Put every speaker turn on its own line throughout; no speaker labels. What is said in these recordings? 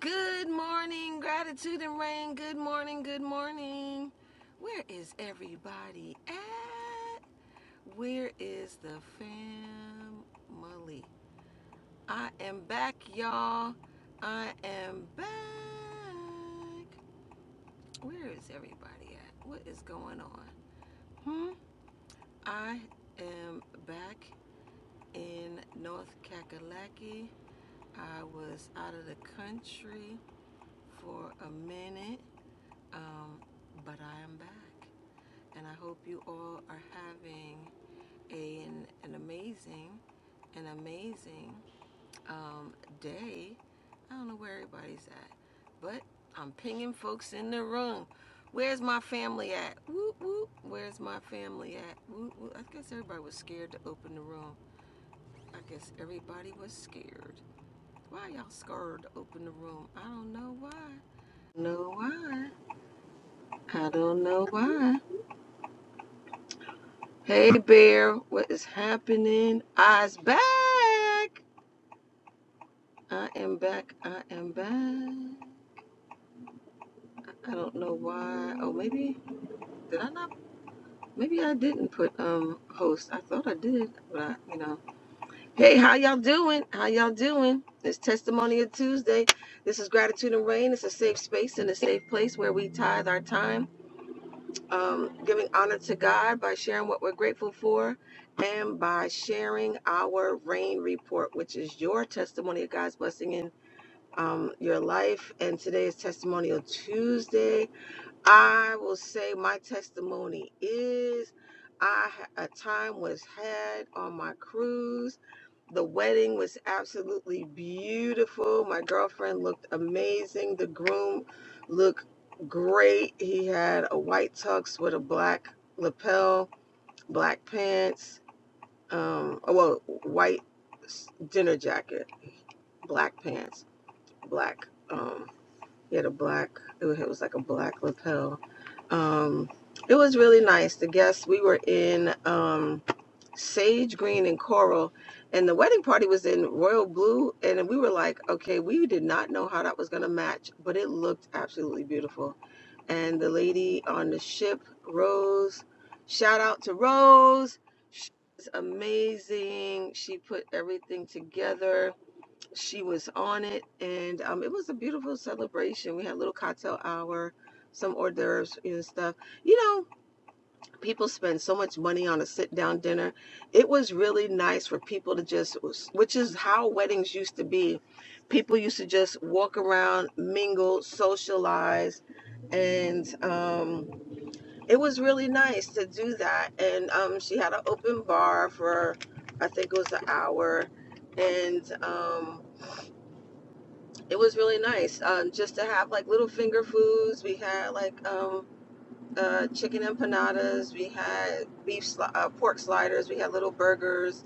Good morning, gratitude and rain. Good morning, good morning. Where is everybody at? Where is the family? I am back, y'all. I am back. Where is everybody at? What is going on? Hmm? I am back in North Kakalaki. I was out of the country for a minute Um, but I am back, and I hope you all are having a, an, an amazing, an amazing um, day. I don't know where everybody's at, but I'm pinging folks in the room. Where's my family at? Whoop whoop. Where's my family at? Whoop whoop. I guess everybody was scared to open the room. I guess everybody was scared. Why y'all scared to open the room? I don't know why. No why. I don't know why. Hey Bear, what is happening? I's back. I am back. I am back. I don't know why. Oh, maybe did I not? Maybe I didn't put um host. I thought I did, but I, you know. Hey, how y'all doing? How y'all doing? It's Testimonial Tuesday. This is Gratitude and Rain. It's a safe space and a safe place where we tithe our time um, giving honor to God by sharing what we're grateful for and by sharing our rain report, which is your testimony of God's blessing in um, your life. And today is Testimonial Tuesday. I will say my testimony is I had a time was had on my cruise the wedding was absolutely beautiful. My girlfriend looked amazing. The groom looked great. He had a white tux with a black lapel, black pants, um, oh, well, white dinner jacket, black pants, black. Um, he had a black. It was it was like a black lapel. Um, it was really nice. The guests we were in. Um, sage green and coral and the wedding party was in royal blue and we were like okay we did not know how that was going to match but it looked absolutely beautiful and the lady on the ship rose shout out to rose she's amazing she put everything together she was on it and um, it was a beautiful celebration we had a little cocktail hour some hors d'oeuvres and stuff you know people spend so much money on a sit down dinner. It was really nice for people to just, which is how weddings used to be. People used to just walk around, mingle, socialize. And um, it was really nice to do that. And um, she had an open bar for, I think it was an hour. And um, it was really nice um, just to have like little finger foods. We had like, um, uh, chicken empanadas. We had beef, sli- uh, pork sliders. We had little burgers,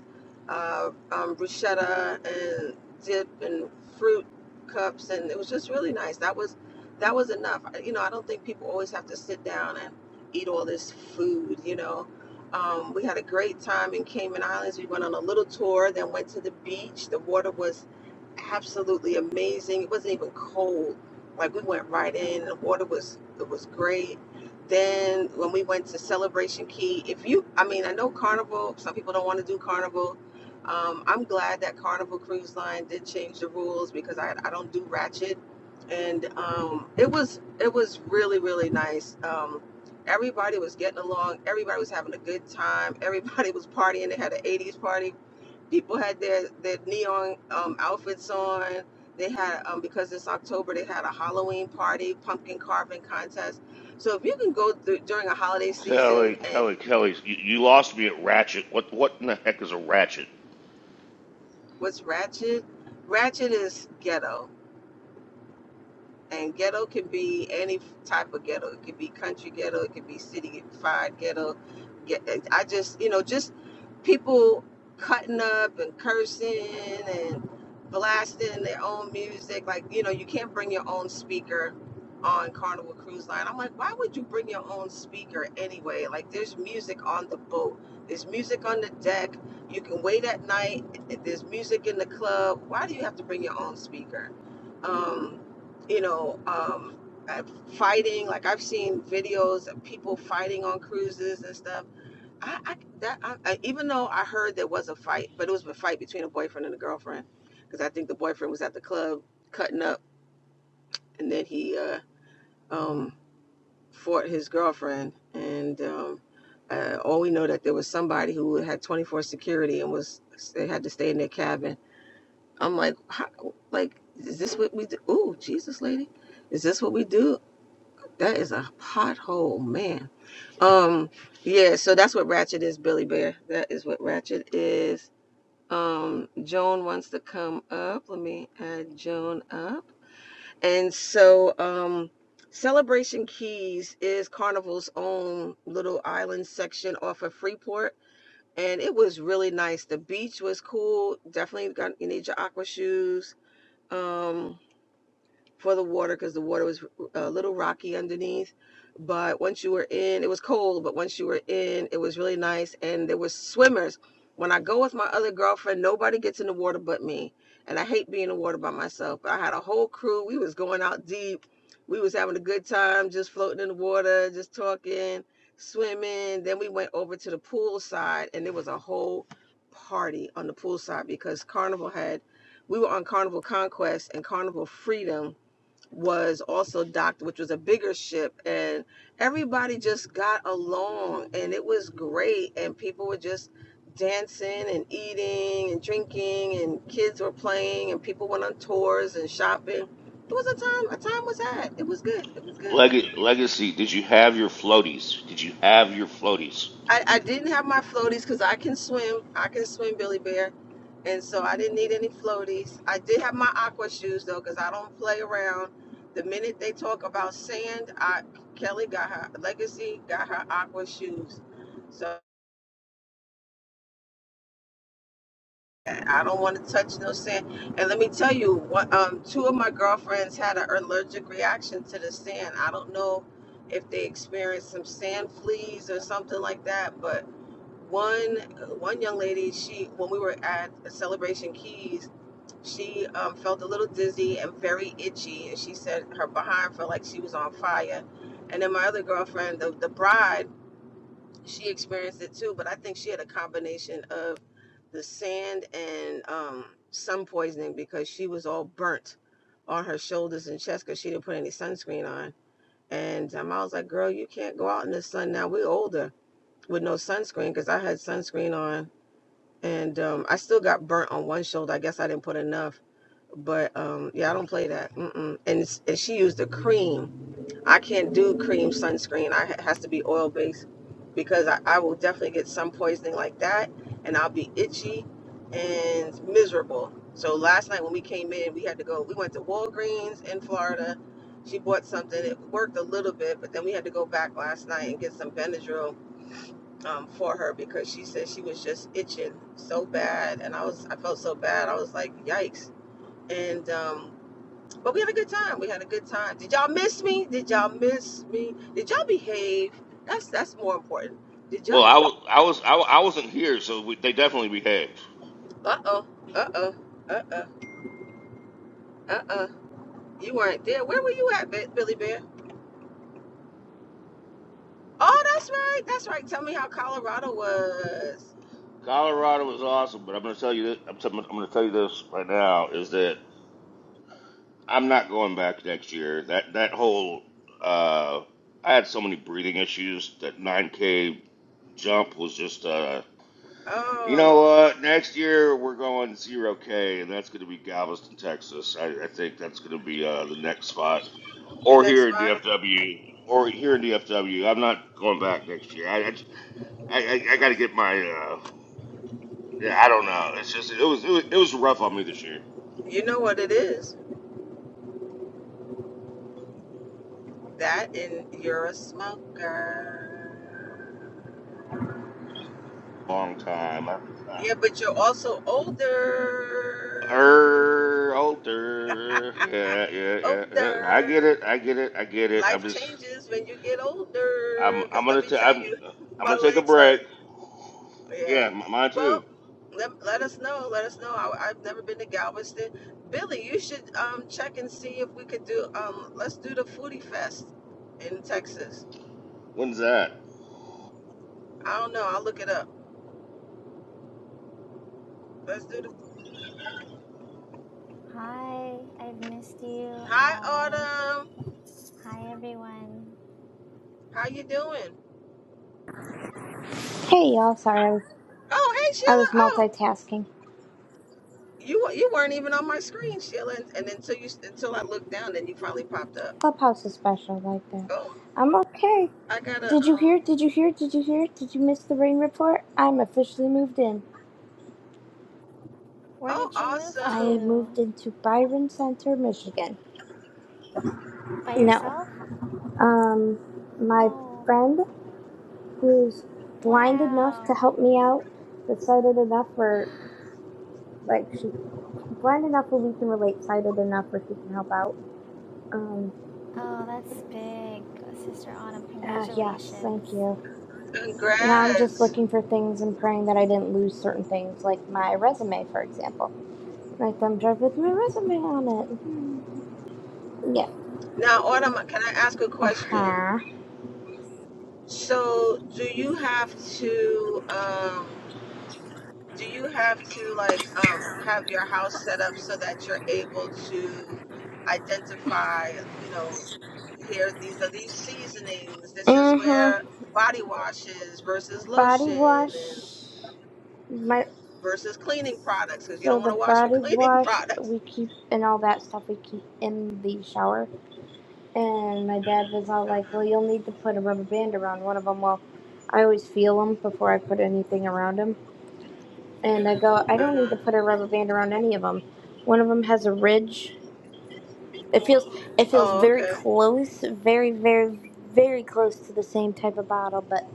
uh, um, bruschetta and dip and fruit cups, and it was just really nice. That was that was enough. I- You know, I don't think people always have to sit down and eat all this food. You know, um, we had a great time in Cayman Islands. We went on a little tour, then went to the beach. The water was absolutely amazing. It wasn't even cold. Like we went right in. The water was it was great. Then when we went to Celebration Key, if you, I mean, I know Carnival. Some people don't want to do Carnival. Um, I'm glad that Carnival Cruise Line did change the rules because I, I don't do Ratchet, and um, it was it was really really nice. Um, everybody was getting along. Everybody was having a good time. Everybody was partying. They had an 80s party people had their their neon um, outfits on. They had um, because it's October, they had a Halloween party, pumpkin carving contest. So if you can go through during a holiday season,
Kelly,
and
Kelly, Kelly, you, you lost me at Ratchet. What what in the heck is a Ratchet?
what's ratchet? Ratchet is ghetto. And ghetto can be any type of ghetto. It could be country ghetto. It could be city fied ghetto. I just, you know, just people cutting up and cursing and blasting their own music. Like, you know, you can't bring your own speaker on Carnival Cruise Line. I'm like, why would you bring your own speaker anyway? Like, there's music on the boat, there's music on the deck. You can wait at night, there's music in the club. Why do you have to bring your own speaker? Um, you know, um, uh, fighting. Like I've seen videos of people fighting on cruises and stuff. I, I that I, I, even though I heard there was a fight, but it was a fight between a boyfriend and a girlfriend, because I think the boyfriend was at the club cutting up, and then he uh, um, fought his girlfriend. And um, uh, all we know that there was somebody who had 24 security and was they had to stay in their cabin. I'm like, how, like is this what we do? Ooh, Jesus, lady, is this what we do? That is a pothole, man. Um, yeah, so that's what Ratchet is, Billy Bear. That is what Ratchet is. Um, Joan wants to come up. Let me add Joan up. And so, um, Celebration Keys is Carnival's own little island section off of Freeport. And it was really nice. The beach was cool. Definitely got you need your aqua shoes. Um, for the water because the water was uh, a little rocky underneath. But once you were in, it was cold, but once you were in, it was really nice. And there were swimmers. When I go with my other girlfriend, nobody gets in the water but me. And I hate being in the water by myself. But I had a whole crew. We was going out deep. We was having a good time, just floating in the water, just talking, swimming. Then we went over to the pool side and there was a whole party on the pool side because Carnival had we were on Carnival Conquest and Carnival Freedom was also docked, which was a bigger ship, and everybody just got along, and it was great, and people were just dancing and eating and drinking, and kids were playing, and people went on tours and shopping. It was a time, a time was had. It was good. It was good.
Leg- Legacy, did you have your floaties? Did you have your floaties?
I, I didn't have my floaties because I can swim. I can swim, Billy Bear. And so I didn't need any floaties. I did have my aqua shoes though, because I don't play around. The minute they talk about sand, I Kelly got her legacy, got her aqua shoes. So I don't want to touch no sand. And let me tell you, what um two of my girlfriends had an allergic reaction to the sand. I don't know if they experienced some sand fleas or something like that, but one one young lady she when we were at celebration keys she um, felt a little dizzy and very itchy and she said her behind felt like she was on fire and then my other girlfriend the, the bride she experienced it too but i think she had a combination of the sand and um, sun poisoning because she was all burnt on her shoulders and chest because she didn't put any sunscreen on and um, i was like girl you can't go out in the sun now we're older with no sunscreen because i had sunscreen on and um, I still got burnt on one shoulder. I guess I didn't put enough, but um, yeah, I don't play that. Mm-mm. And, it's, and she used the cream. I can't do cream sunscreen. I it has to be oil based because I, I will definitely get sun poisoning like that, and I'll be itchy and miserable. So last night when we came in, we had to go. We went to Walgreens in Florida. She bought something. It worked a little bit, but then we had to go back last night and get some Benadryl um, for her because she said she was just itching so bad, and I was I felt so bad. I was like, yikes! And um, but we had a good time. We had a good time. Did y'all miss me? Did y'all miss me? Did y'all behave? That's that's more important. Did
Well,
y'all?
I was I was I, wa- I wasn't here, so we, they definitely behaved.
Uh oh. Uh oh. Uh oh. Uh oh. You weren't there. Where were you at, Billy Bear? Oh, that's right. That's right. Tell me how Colorado was.
Colorado was awesome, but I'm going to tell you this, I'm, t- I'm going to tell you this right now is that I'm not going back next year. That that whole uh, I had so many breathing issues that 9K jump was just uh, You know
Oh,
what? Next year we're going zero K, and that's going to be Galveston, Texas. I, I think that's going to be uh, the next spot,
the
or
next
here in
spot.
DFW, or here in DFW. I'm not going back next year. I I I, I got to get my. Uh, yeah, I don't know. It's just it was, it was it was rough on me this year.
You know what it is. That and you're a smoker.
Long time. I,
Yeah, but you're also older.
er, older. Yeah, yeah, yeah, yeah. I get
Older.
it. I get it. I get it. I'm
Life
just.
changes when you get
I'm.
older.
I'm
Because let
gonna.
me
T-
tell
I'm.
you,
I'm
my
gonna take a
legs
break.
hurt. Yeah.
Yeah, m- mine too.
Well, let, let us know. Let us know. I, I've never been to Galveston. Billy, you should um, check and see if we could do, um, let's do the Foodie Fest in Texas.
When's that?
I don't know. I'll look it up. Let's do the.
Hi, I've missed you
Hi,
all.
Autumn.
Hi, everyone.
How you doing?
Hey y'all, sorry, I was,
Oh, hey
I
Sheila.
was
Oh,
multitasking.
you you weren't even on my screen, Sheila. And, and until you until I looked down, then you finally popped up.
Clubhouse is special like that.
Oh,
I'm okay.
I gotta
Did you
um.
hear? Did you hear? Did you hear? Did you miss the rain report? I'm officially moved in.
Where
Oh,
did you move
I
awesome!
to?
moved into Byron Center, Michigan.
By
No.
yourself?
Um, my
Oh,
friend who's blind enough to
wow.
help me out, but sighted enough where, like, she blind enough where we can relate, sighted enough where she can help out. Um,
Oh, that's big. Sister Autumn,
uh, yes,
congratulations.
thank you. Now I'm just
Congrats.
looking for things and praying that I didn't lose certain things, like my resume, for example. My thumb drive with my resume on it. Hmm. Yeah.
Now, Autumn, can I ask a
Uh
question?
huh.
So, do you have to um? do you have to like um, have your house set up so that you're able to identify you know here these are these seasonings this is
Mm hmm.
where body washes versus
Body
lotion and
wash. My.
versus cleaning products because you
So
don't want
the
to wash with
body
cleaning
wash
products
we keep and all that stuff we keep in the shower. And my dad was all like, "Well,
uh-huh.
you'll need to put a rubber band around one of them." Well, I always feel them before I put anything around them. and I go, I don't need
Uh-huh.
to put a rubber band around any of them. One of them has a ridge. It feels it feels
oh
very
okay
close, very very very close to the same type of bottle, but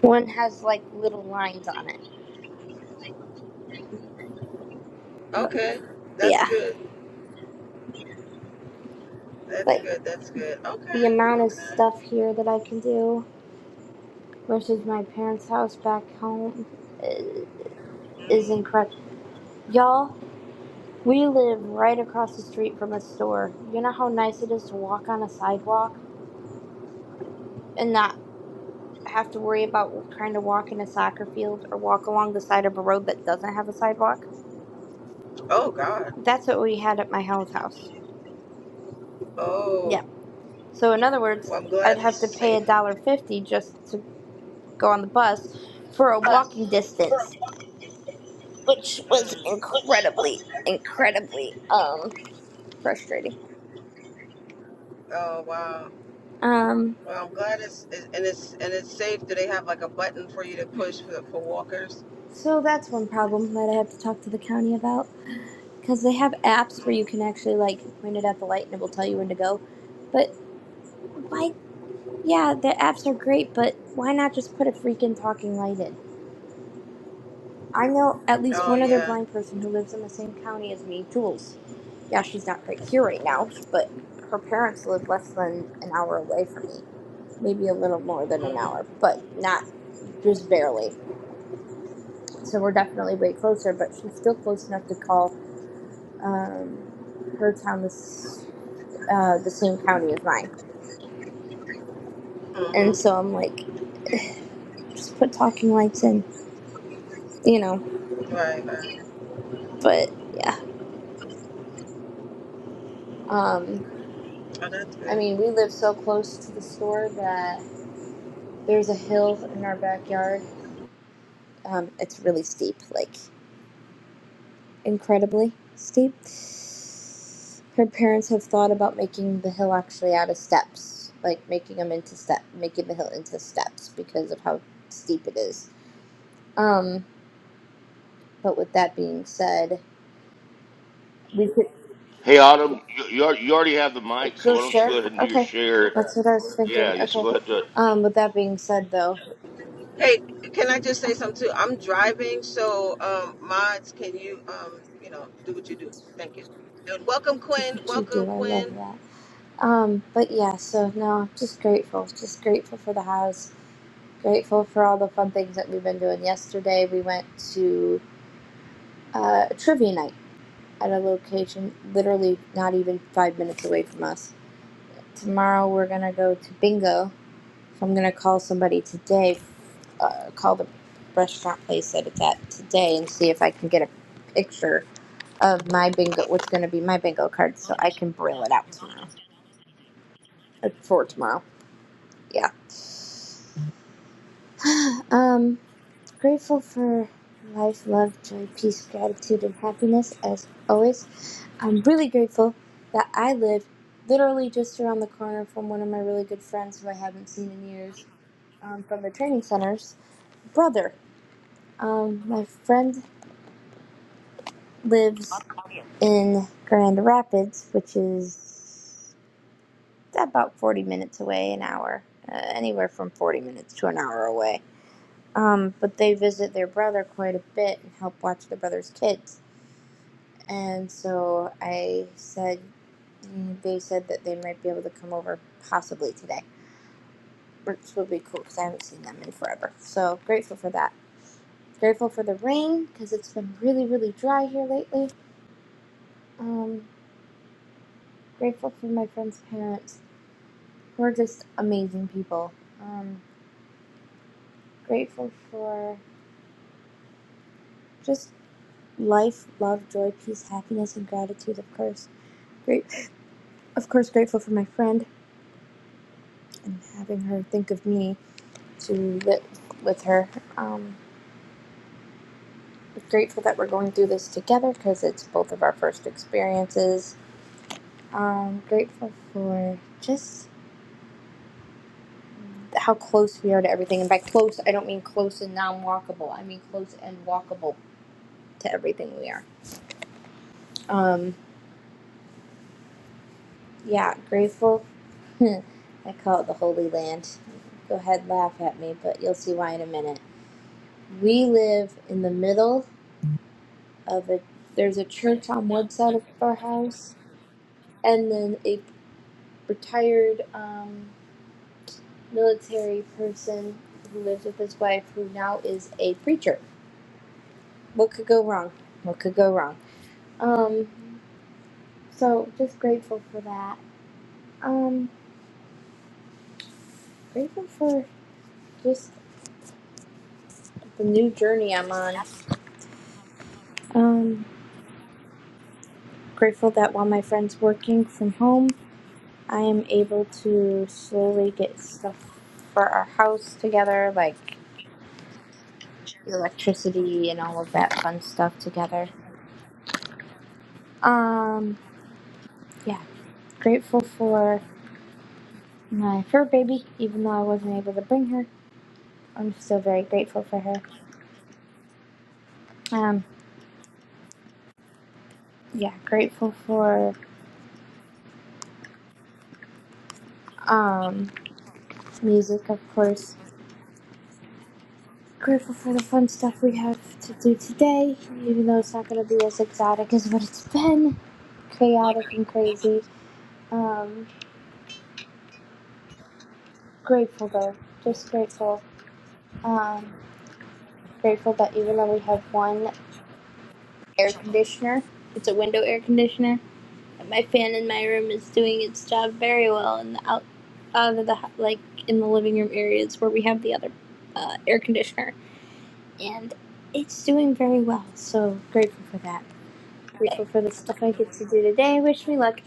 one has like little lines on it.
okay that's
Yeah,
good that's
like
good that's good
the
okay
amount of
okay
stuff here that I can do versus my parents' house back home i- is
mm.
incredible. Y'all, we live right across the street from a store. You know how nice it is to walk on a sidewalk? and not. have to worry about trying to walk in a soccer field or walk along the side of a road that doesn't have a sidewalk.
oh god
That's what we had at my house house. Yeah.
oh
So in other words,
well, i'm
I'd
glad
have to
it's
pay a
safe
dollar fifty just to go on the bus for a walking distance, which was
mm.
incredibly, incredibly um frustrating.
oh wow
Um.
Well, I'm glad it's it- and it's and it's safe. Do they have like a button for you to push for, for walkers?
So that's one problem that I have to talk to the county about because they have apps where you
Mm.
can actually like point it at the light and it will tell you when to go. But why Yeah, the apps are great, but why not just put a freaking talking light in? I know at least
Oh
one other
yeah.
blind person who lives in the same county as me, Jules. Yeah, she's not right here right now, but her parents live less than an hour away from me. Maybe a little more than an hour,
Mm-hmm.
but not just barely. So we're definitely way closer, but she's still close enough to call um, her town this, uh, the same county as mine. And
Mm-hmm.
so I'm like, just put talking lights in, you know,
Right, right.
but. yeah. Um,
Oh, that's
I
good.
mean, we live so close to the store that there's a hill in our backyard. Um, it's really steep, like incredibly steep. Her parents have thought about making the hill actually out of steps, like making them into step, making the hill into steps because of how steep it is. Um, but with that being said,
Hey, Autumn, you, you al- you already have the mic, so
go
why don't you
share.
go ahead and do your
Okay,
share?
that's what I was
Yeah,
thinking.
you- so go
Okay.
ahead and do it.
Um, with that being said, though,
Hey, can I just say something too? I'm driving, so um, mods, can you um, you know, do what you do? Thank you. And welcome,
that's
Quinn.
what you do.
Welcome,
I love
Quinn.
that. Um, but yeah, so no, just grateful. Just grateful for the house. Grateful for all the fun things that we've been doing. Yesterday, we went to uh, a trivia night at a location literally not even five minutes away from us. Tomorrow, we're gonna go to bingo. So I'm gonna call somebody today, uh, call the restaurant place that it's at today, and see if I can get a picture of my bingo, what's gonna be my bingo card, so I can braille it out tomorrow uh, for tomorrow. Yeah. Um, Grateful for life, love, joy, peace, gratitude, and happiness as always. I'm really grateful that I live literally just around the corner from one of my really good friends who I haven't seen in years um, from the training center's brother. Um, my friend lives in Grand Rapids, which is about 40 minutes away, an hour, uh, anywhere from 40 minutes to an hour away. Um, but they visit their brother quite a bit and help watch their brother's kids And so I said, mm, they said that they might be able to come over possibly today, which would be cool because I haven't seen them in forever. So grateful for that. Grateful for the rain because it's been really, really dry here lately. Um, grateful for my friend's parents who are just amazing people. Um, grateful for just life, love, joy, peace, happiness, and gratitude, of course. Great, of course, grateful for my friend and having her think of me to live with her. Um, grateful that we're going through this together because it's both of our first experiences. Um, grateful for just how close we are to everything. And by close, I don't mean close and non walkable, I mean close and walkable to everything we are. Um, yeah, grateful. I call it the Holy Land. Go ahead, laugh at me, but you'll see why in a minute. We live in the middle of a, there's a church on one side of our house, and then a retired, um, military person who lives with his wife, who now is a preacher. What could go wrong? What could go wrong? Um, so just grateful for that. Um, grateful for just the new journey I'm on. Um, grateful that while my friend's working from home, I am able to slowly get stuff for our house together, like electricity and all of that fun stuff together. Um, yeah, grateful for my fur baby, even though I wasn't able to bring her. I'm still very grateful for her. Um, yeah, grateful for um, music, of course. Grateful for the fun stuff we have to do today, even though it's not going to be as exotic as what it's been chaotic and crazy. Um, grateful though, just grateful. Um, grateful that even though we have one air conditioner, it's a window air conditioner out of the like in the living room areas where we have the other uh, air conditioner, and it's doing very well. So grateful for that. Grateful for the stuff I get to do today. Wish me luck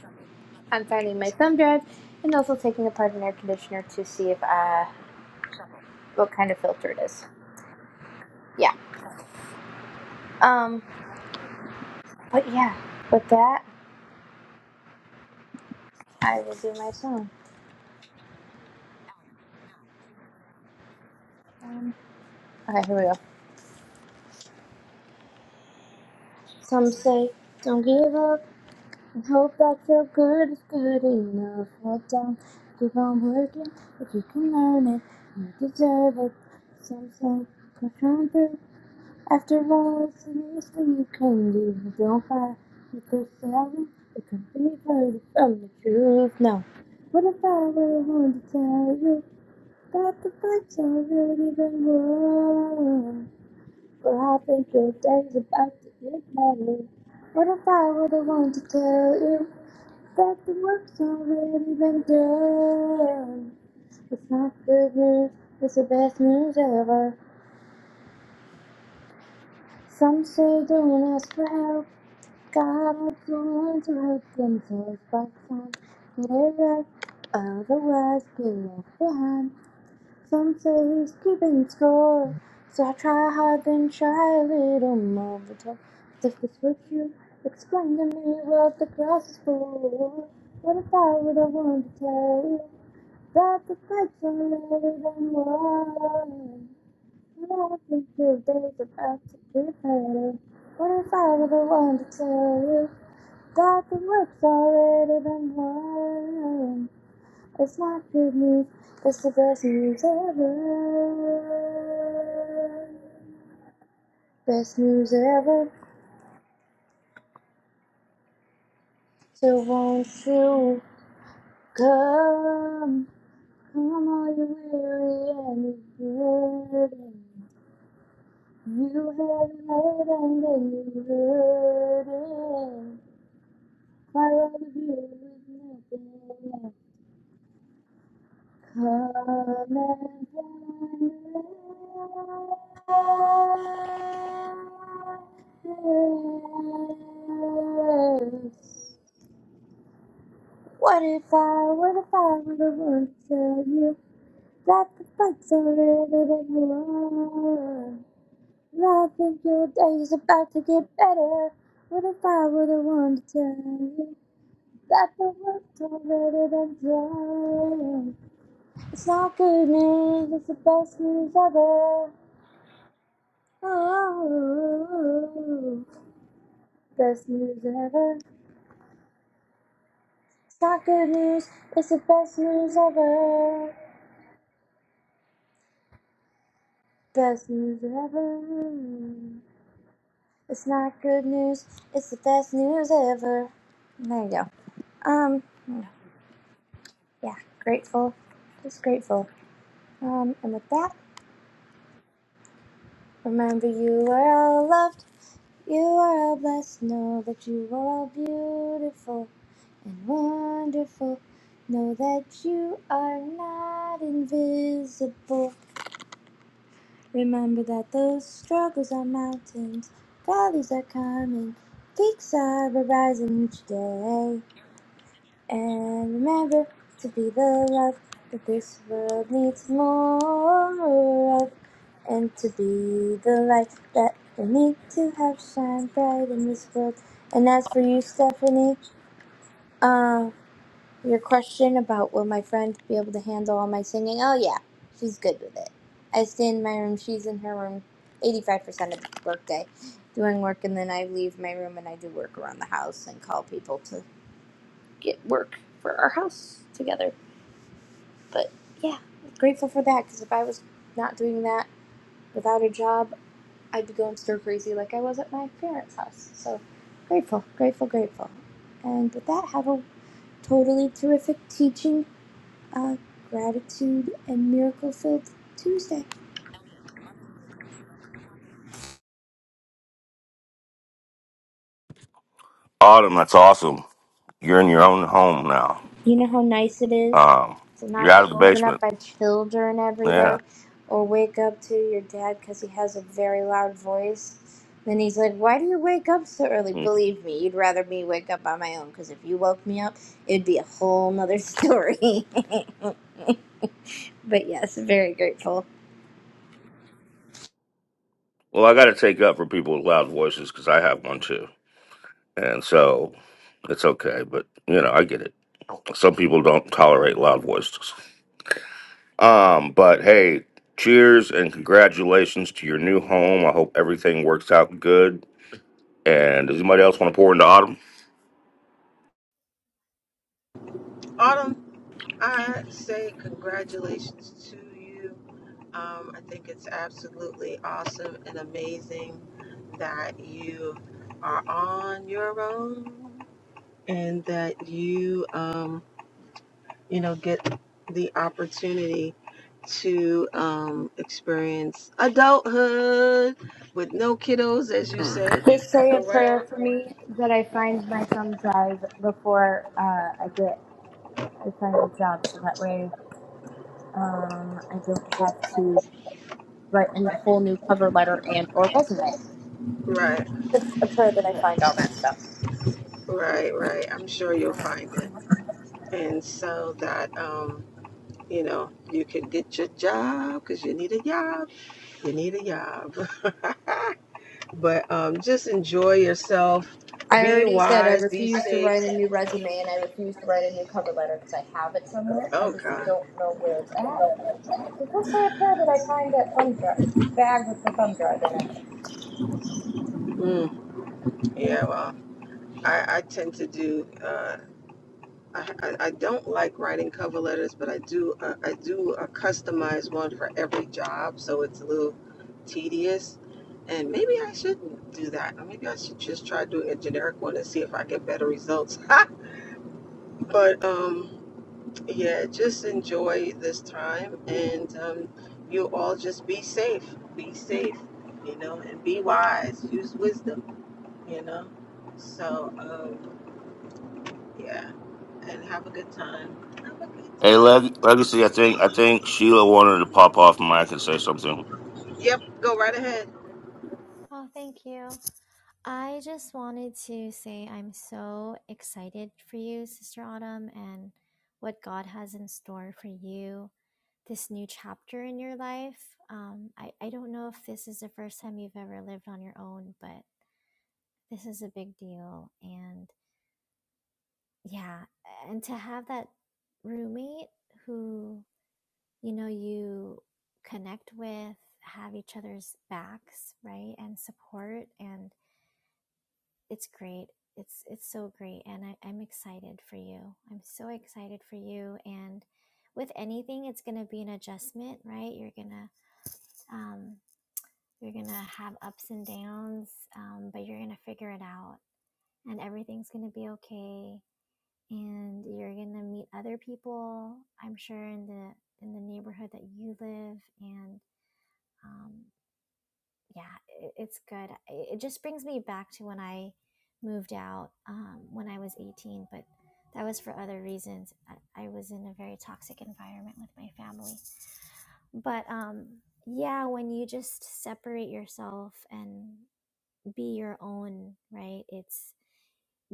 on finding my thumb drive, and also taking apart an air conditioner to see if uh what kind of filter it is. Yeah. Um. But yeah. With that, I will do my song. Um, okay. Here we go. Some say, "Don't give up." Hope that your good is good enough. Hold down, keep on working. If you can earn it, you deserve it. Something can come through. After all, it's the least thing you can do. Don't fight with the seven. It can be further from the truth. Now, what if I were one to tell you that the fight's already been won? Well, I think your day's about to get better. What if I were the one to tell you? that the work's already been done. It's not good news, it's the best news ever. Some say don't ask for help. God helps the ones who help themselves by time. Get it right, otherwise get left behind. Some say he's keeping score. So I try hard, then try a little more. But if this what you explain to me what the grass is for, what if I were the one to tell you? But the fights are never been won. Life is the days about to after preparing. What if I ever want to tell you that the work's already been won? It's not good news, it's the best news ever. Best news ever. So won't you come? Come all you weary and you burdened. You have led and then you delivered. My love of you is nothing. Come and find us. What if I, what if I would have tell you that the fight's already been won? Life in your days about to get better. What if I were the one to tell you that the world's already been done? It's not good news, it's the best news ever. Oh, best news ever. It's not good news, it's the best news ever. Best news ever. It's not good news, it's the best news ever. There you go. Um. yeah, grateful, just grateful. Um, and with that, remember you are all loved, you are all blessed. Know that you are all beautiful and wonderful. Know that you are not invisible. Remember that those struggles are mountains, valleys are coming, peaks are arising each day. And remember to be the love that this world needs more of. and to be the light that we need to have shine bright in this world. And as for you, Stephanie, uh, your question about will my friend be able to handle all my singing? Oh yeah, she's good with it. I stay in my room; she's in her room, eighty-five percent of the workday, doing work, and then I leave my room and I do work around the house and call people to get work for our house together. But yeah, grateful for that because if I was not doing that without a job, I'd be going stir crazy like I was at my parents' house. So grateful, grateful, grateful. And with that, have a totally terrific teaching, uh, gratitude, and miracle filled Tuesday.
Autumn, that's awesome. You're in your own home now.
You know how nice it is
Um,
to
you're
not
out of
get
the
woken up
basement.
by children every
Yeah.
day or wake up to your dad because he has a very loud voice. Then he's like, Why do you wake up so early?
Mm.
Believe me, you'd rather me wake up on my own because if you woke me up, it'd be a whole nother story. But yes, very grateful.
Well, I got to take up for people with loud voices because I have one too, and so it's okay. But you know, I get it. Some people don't tolerate loud voices. Um, but hey, cheers and congratulations to your new home. I hope everything works out good. And does anybody else want to pour into Autumn?
Autumn, I say congratulations to you. Um, I think it's absolutely awesome and amazing that you are on your own and that you, um, you know, get the opportunity to um, experience adulthood with no kiddos, as you say,
Just say a
around.
prayer for me that I find my thumb drive before uh, I get I find a job, so that way um, I don't have to write a whole new cover letter and or resume.
Right,
It's a prayer that I find all that stuff.
right, right. I'm sure you'll find it. And so that, um, you know, you can get your job because you need a job you need a job. but um, just enjoy yourself.
I
Be
already said I
wise. Be
refuse to write
safe.
a new resume and I refuse to write a new cover letter because I have it somewhere. I
Oh
just
God.
don't know where it's at. So just say a prayer that I find that thumb drive bag with the thumb drive in it.
Mm, yeah. Well, I, I tend to do. Uh, I, I don't like writing cover letters, but I do. Uh, I do a customized one for every job, so it's a little tedious. And maybe I shouldn't do that. Or maybe I should just try doing a generic one and see if I get better results. but um, yeah, just enjoy this time and um, you all just be safe. Be safe, you know, and be wise. Use wisdom, you know. So, um, yeah, and have a good time. Have a good
Hey,
time.
Leg- Legacy, I think I think Sheila wanted to pop off mic and say something.
Yep, go right ahead.
Oh, thank you. I just wanted to say I'm so excited for you, Sister Autumn, and what God has in store for you, this new chapter in your life. Um, I, I don't know if this is the first time you've ever lived on your own, but this is a big deal. And yeah, and to have that roommate who, you know, you connect with, have each other's backs, right? And support and it's great. It's it's so great, and I, I'm excited for you. I'm so excited for you. And with anything, it's gonna be an adjustment, right? You're gonna um, you're gonna have ups and downs, um, but you're gonna figure it out, and everything's gonna be okay. And you're gonna meet other people, I'm sure, in the in the neighborhood that you live, and um, yeah, it, it's good. It just brings me back to when I moved out um, when I was 18, but that was for other reasons. I, I was in a very toxic environment with my family. But um, yeah, when you just separate yourself and be your own, right? It's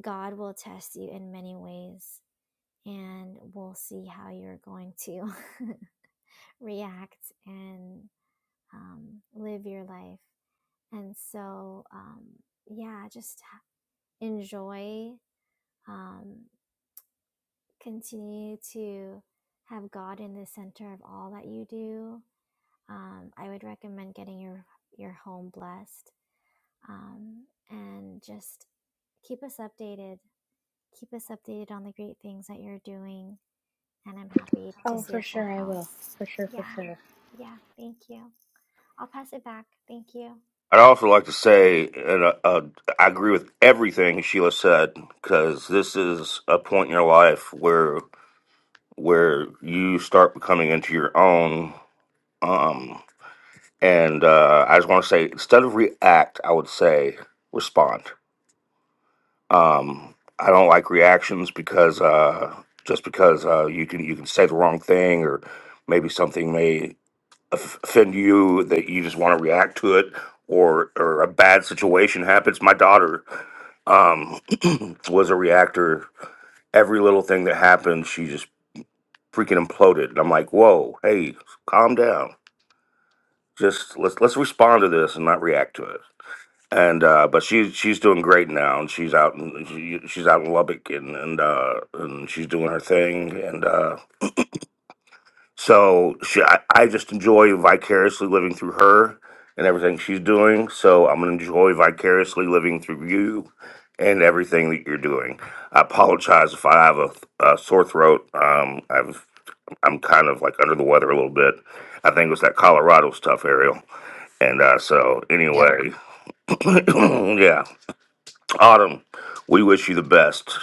God will test you in many ways and we'll see how you're going to react and um, live your life. And so, um, yeah, just enjoy, um, continue to have God in the center of all that you do. Um, I would recommend getting your your home blessed, um, and just keep us updated. Keep us updated on the great things that you're doing, and I'm happy to
Oh,
see
for
a full
sure I will.
house.
For sure, for
Yeah,
sure.
yeah. Thank you. I'll pass it back. Thank you.
I'd also like to say, and uh, uh, I agree with everything Sheila said, because this is a point in your life where where you start becoming into your own. Um, and uh, I just want to say, instead of react, I would say respond. Um, I don't like reactions because uh, just because uh, you can you can say the wrong thing or maybe something may offend you that you just want to react to it or or a bad situation happens my daughter um was a reactor every little thing that happened she just freaking imploded and i'm like whoa hey calm down just let's let's respond to this and not react to it and uh but she she's doing great now and she's out in she, she's out in lubbock and and uh and she's doing her thing and uh So she, I, I just enjoy vicariously living through her and everything she's doing. So I'm going to enjoy vicariously living through you and everything that you're doing. I apologize if I have a, a sore throat. Um, I've, I'm kind of like under the weather a little bit. I think it was that Colorado stuff, Ariel. And uh, so,
Yep.
anyway, yeah, Autumn, we wish you the best.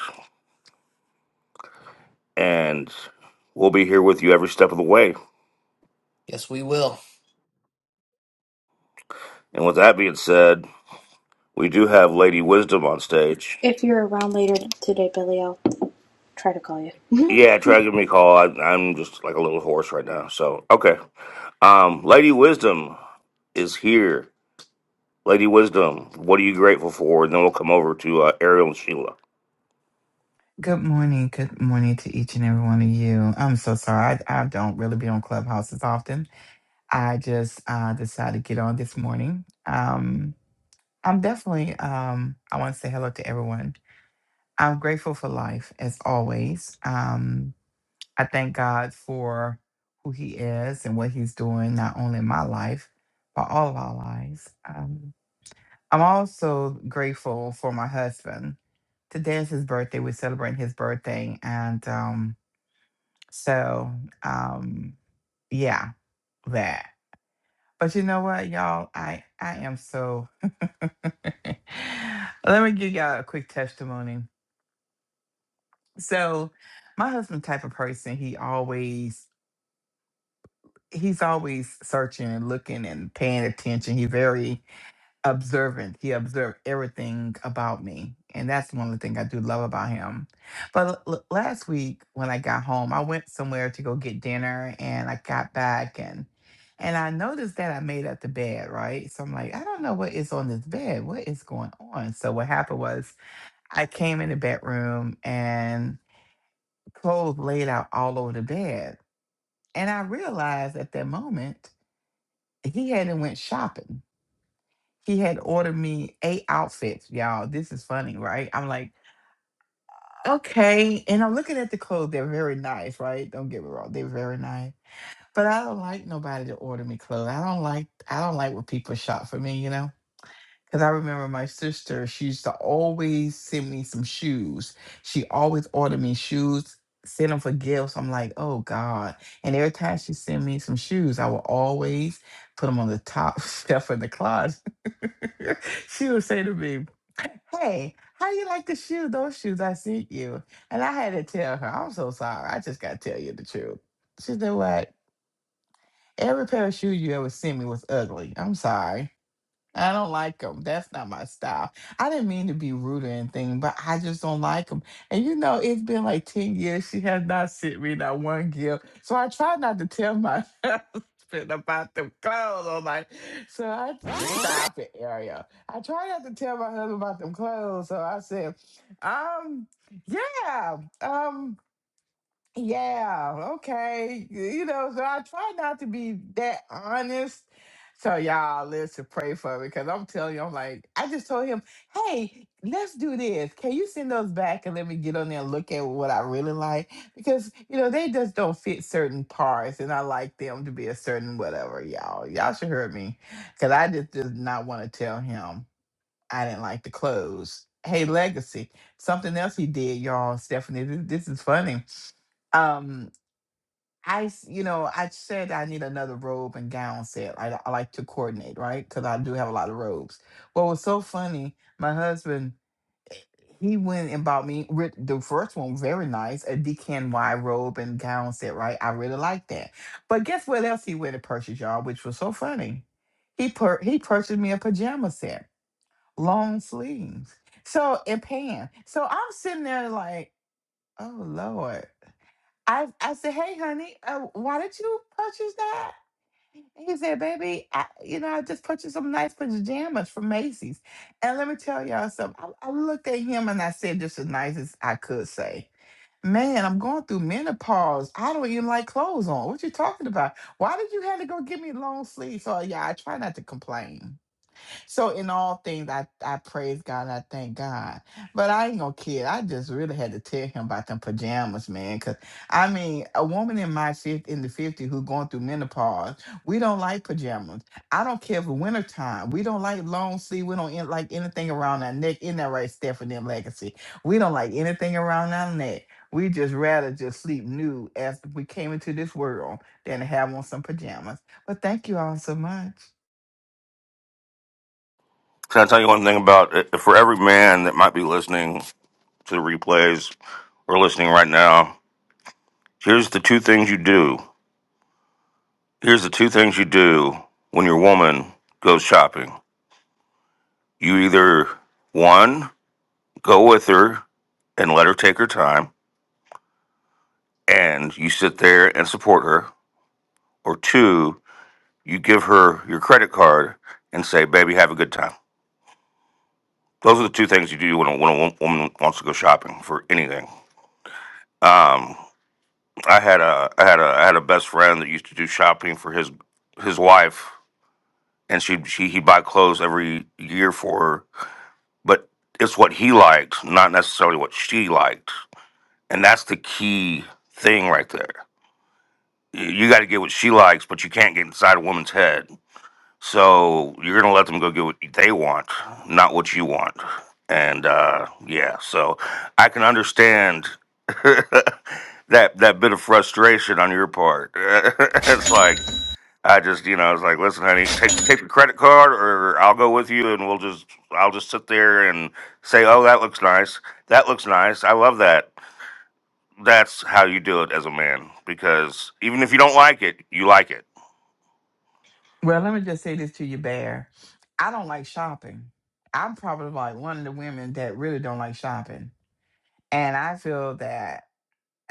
And we'll be here with you every step of the way.
Yes, we will.
And with that being said, We do have Lady Wisdom on stage.
If you're around later today, Billy, I'll try to call you.
Yeah, try to give me a call. I, I'm just like a little horse right now. So okay, um, Lady Wisdom is here. Lady Wisdom, what are you grateful for? And then we'll come over to uh, Ariel and Sheila.
Good morning. Good morning to each and every one of you. I'm so sorry. I, I don't really be on Clubhouses often. I just uh, decided to get on this morning. Um, I'm definitely, um, I want to say hello to everyone. I'm grateful for life as always. Um, I thank God for who He is and what He's doing, not only in my life, but all of our lives. Um, I'm also grateful for my husband. Today is his birthday. We're celebrating his birthday. And, um, So, um, yeah, that. But you know what, y'all? I I am so. Let me give y'all a quick testimony. So, my husband type of person. He always he's always searching and looking and paying attention. He very observant. He observed everything about me. And that's one of the things I do love about him. But l- l- last week when I got home, I went somewhere to go get dinner and I got back and and I noticed that I made up the bed, right? So I'm like, I don't know what is on this bed. What is going on? So what happened was I came in the bedroom and clothes laid out all over the bed. And I realized at that moment he hadn't went shopping he had ordered me eight outfits, y'all. This is funny, right? I'm like, okay. And I'm looking at the clothes. They're very nice, right? Don't get me wrong. They're very nice. But I don't like nobody to order me clothes. I don't like I don't like when people shop for me, you know? Cause I remember my sister, she used to always send me some shoes. She always ordered me shoes, send them for gifts. I'm like, oh God. And every time she sent me some shoes, I would always put them on the top shelf in the closet. she would say to me, Hey, how you like the shoe, those shoes I sent you? And I had to tell her, I'm so sorry. I just gotta tell you the truth. She said, What? Every pair of shoes you ever sent me was ugly. I'm sorry. I don't like them. That's not my style. I didn't mean to be rude or anything, but I just don't like them. And you know, it's been like 10 years. She has not sent me not one gift. So I try not to tell my husband about them clothes. I'm like, so I stop it, Ariel. I try not to tell my husband about them clothes. So I said, um, yeah. Um, yeah, okay. You you know, so I try not to be that honest. So y'all listen, pray for me because I'm telling you, I'm like, I just told him, hey, let's do this. Can you send those back and let me get on there and look at what I really like? Because, you know, they just don't fit certain parts and I like them to be a certain whatever, y'all. Y'all should hear me. Cause I just did not want to tell him I didn't like the clothes. Hey, Legacy. Something else he did, y'all, Stephanie. This, this is funny. Um I, s- you know, I said I need another robe and gown set. I, I like to coordinate, right? Because I do have a lot of robes. What was so funny, my husband, he went and bought me with the first one, very nice, a DKNY robe and gown set, right? I really like that. But guess what else he went and purchased, y'all, which was so funny? He per- he purchased me a pajama set, long sleeves, so and pants. So I'm sitting there like, oh Lord. I I said, "Hey, honey, uh, why did you purchase that?" And he said, "Baby, I, you know, I just purchased some nice pajamas from Macy's." And let me tell y'all something. I, I looked at him and I said, "Just as nice as I could say." Man, I'm going through menopause. I don't even like clothes on. What you talking about? Why did you have to go get me long sleeves? So yeah, I try not to complain. So in all things, I, I praise God and I thank God. But I ain't gonna kid. I just really had to tell him about them pajamas, man. Cause I mean, a woman in my fifth in the 50 who going through menopause, we don't like pajamas. I don't care if it's wintertime. We don't like long sleeve. We don't in- like anything around our neck. In that right, Stephanie and Legacy. We don't like anything around our neck. We just rather just sleep nude as we came into this world than to have on some pajamas. But thank you all so much.
Can I tell you one thing about it? For every man that might be listening to the replays or listening right now, here's the two things you do. Here's the two things you do when your woman goes shopping. You either, one, go with her and let her take her time and you sit there and support her, or two, you give her your credit card and say, "Baby, have a good time." Those are the two things you do when a, when a wo- woman wants to go shopping for anything. Um, I had a I had a I had a best friend that used to do shopping for his his wife, and she she he'd buy clothes every year for her, but it's what he liked, not necessarily what she liked, and that's the key thing right there. You got to get what she likes, but you can't get inside a woman's head So you're gonna let them go get what they want, not what you want. And uh, yeah, so I can understand that that bit of frustration on your part. it's like I just, you know, I was like, listen, honey, take take the credit card, or I'll go with you, and we'll just, I'll just sit there and say, oh, that looks nice, that looks nice, I love that. That's how you do it as a man, because even if you don't like it, you like it.
Well, let me just say this to you, Bear. I don't like shopping. I'm probably like one of the women that really don't like shopping. And I feel that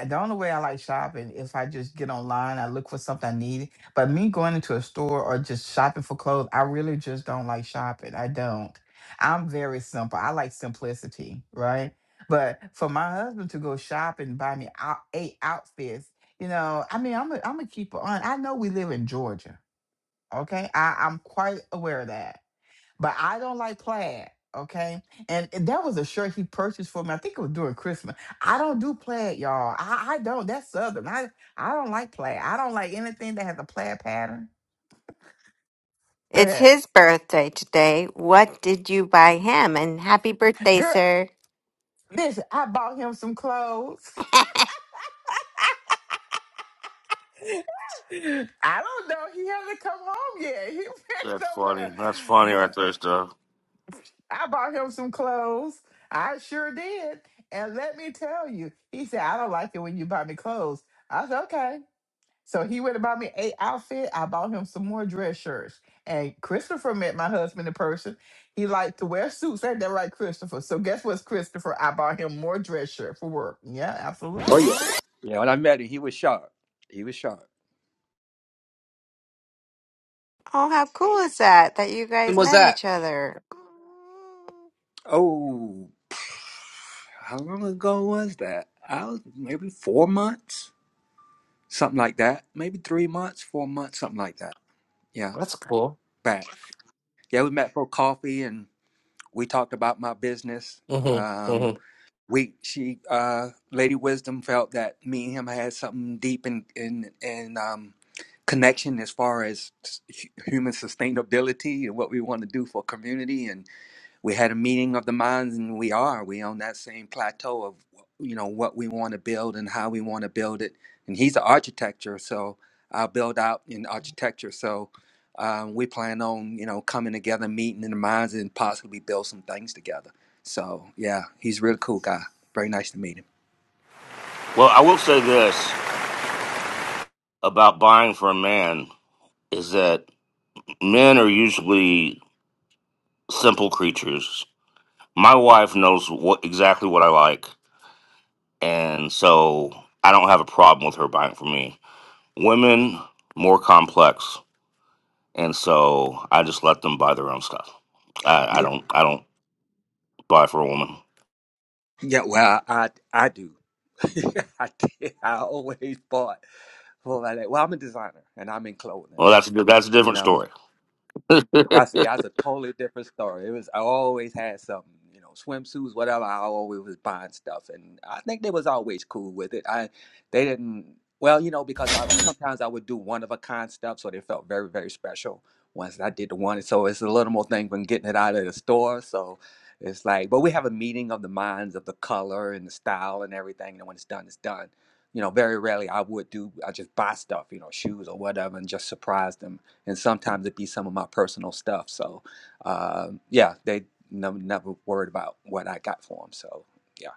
the only way I like shopping is if I just get online, I look for something I need. But me going into a store or just shopping for clothes, I really just don't like shopping. I don't. I'm very simple. I like simplicity, right? But for my husband to go shopping and buy me out, eight outfits, you know, I mean, I'm a, I'm a keeper on. I know we live in Georgia. Okay. I, I'm quite aware of that. But I don't like plaid. Okay. And that was a shirt he purchased for me. I think it was during Christmas. I don't do plaid, y'all. I, I don't. That's Southern. I, I don't like plaid. I don't like anything that has a plaid pattern. Go
It's
ahead.
his birthday today. What did you buy him? And happy birthday,
Girl,
sir.
listen, I bought him some clothes. I don't know. He hasn't come home yet. He went
That's funny.
somewhere.
That's funny right
but.
there, stuff.
I bought him some clothes. I sure did. And let me tell you, he said, I don't like it when you buy me clothes. I said, okay. So he went and bought me a outfit. I bought him some more dress shirts. And Christopher met my husband in person. He liked to wear suits. Ain't that right, Christopher? So guess what's Christopher? I bought him more dress shirt for work. Yeah,
Oh
absolutely.
yeah, yeah. When I met him, he was sharp. He was sharp.
Oh, how cool is that that you
When
guys
was
met
that?
each other?
Oh, how long ago was that? I was maybe four months, something like that. Maybe three months, four months, something like that. Yeah,
That's cool.
back. Yeah, we met for coffee and we talked about my business.
Mm-hmm.
Um,
Mm-hmm.
we she uh, Lady Wisdom felt that me and him had something deep in in in um, connection as far as hu- human sustainability and what we want to do for community and. we had a meeting of the minds and we are we on that same plateau of you know what we want to build and how we want to build it and he's an architecture so i'll build out in architecture so um, we plan on you know coming together meeting in the minds and possibly build some things together so yeah he's a really cool guy very nice to meet him
Well, I will say this about buying for a man is that men are usually simple creatures. My wife knows what exactly what I like, and so I don't have a problem with her buying for me. Women more complex, and so I just let them buy their own stuff. I, I
yeah
don't I don't buy for a woman.
yeah well i i do I, did. I always bought for that well i'm a designer and i'm in clothing
Well, that's a, di- that's a
you
different
know
story. I
That's yeah, that's a totally different story. It was I always had something, you know, swimsuits, whatever. I always was buying stuff, and I think they was always cool with it. I they didn't well, you know, because I sometimes I would do one of a kind stuff, so they felt very very special once I did the one. So it's a little more thing than getting it out of the store. So it's like, but we have a meeting of the minds of the color and the style and everything, and when it's done, it's done. You know, very rarely I would do. I just buy stuff, you know, shoes or whatever, and just surprise them and sometimes it be some of my personal stuff. So, uh, yeah, they never never worried about what I got for them. So, yeah,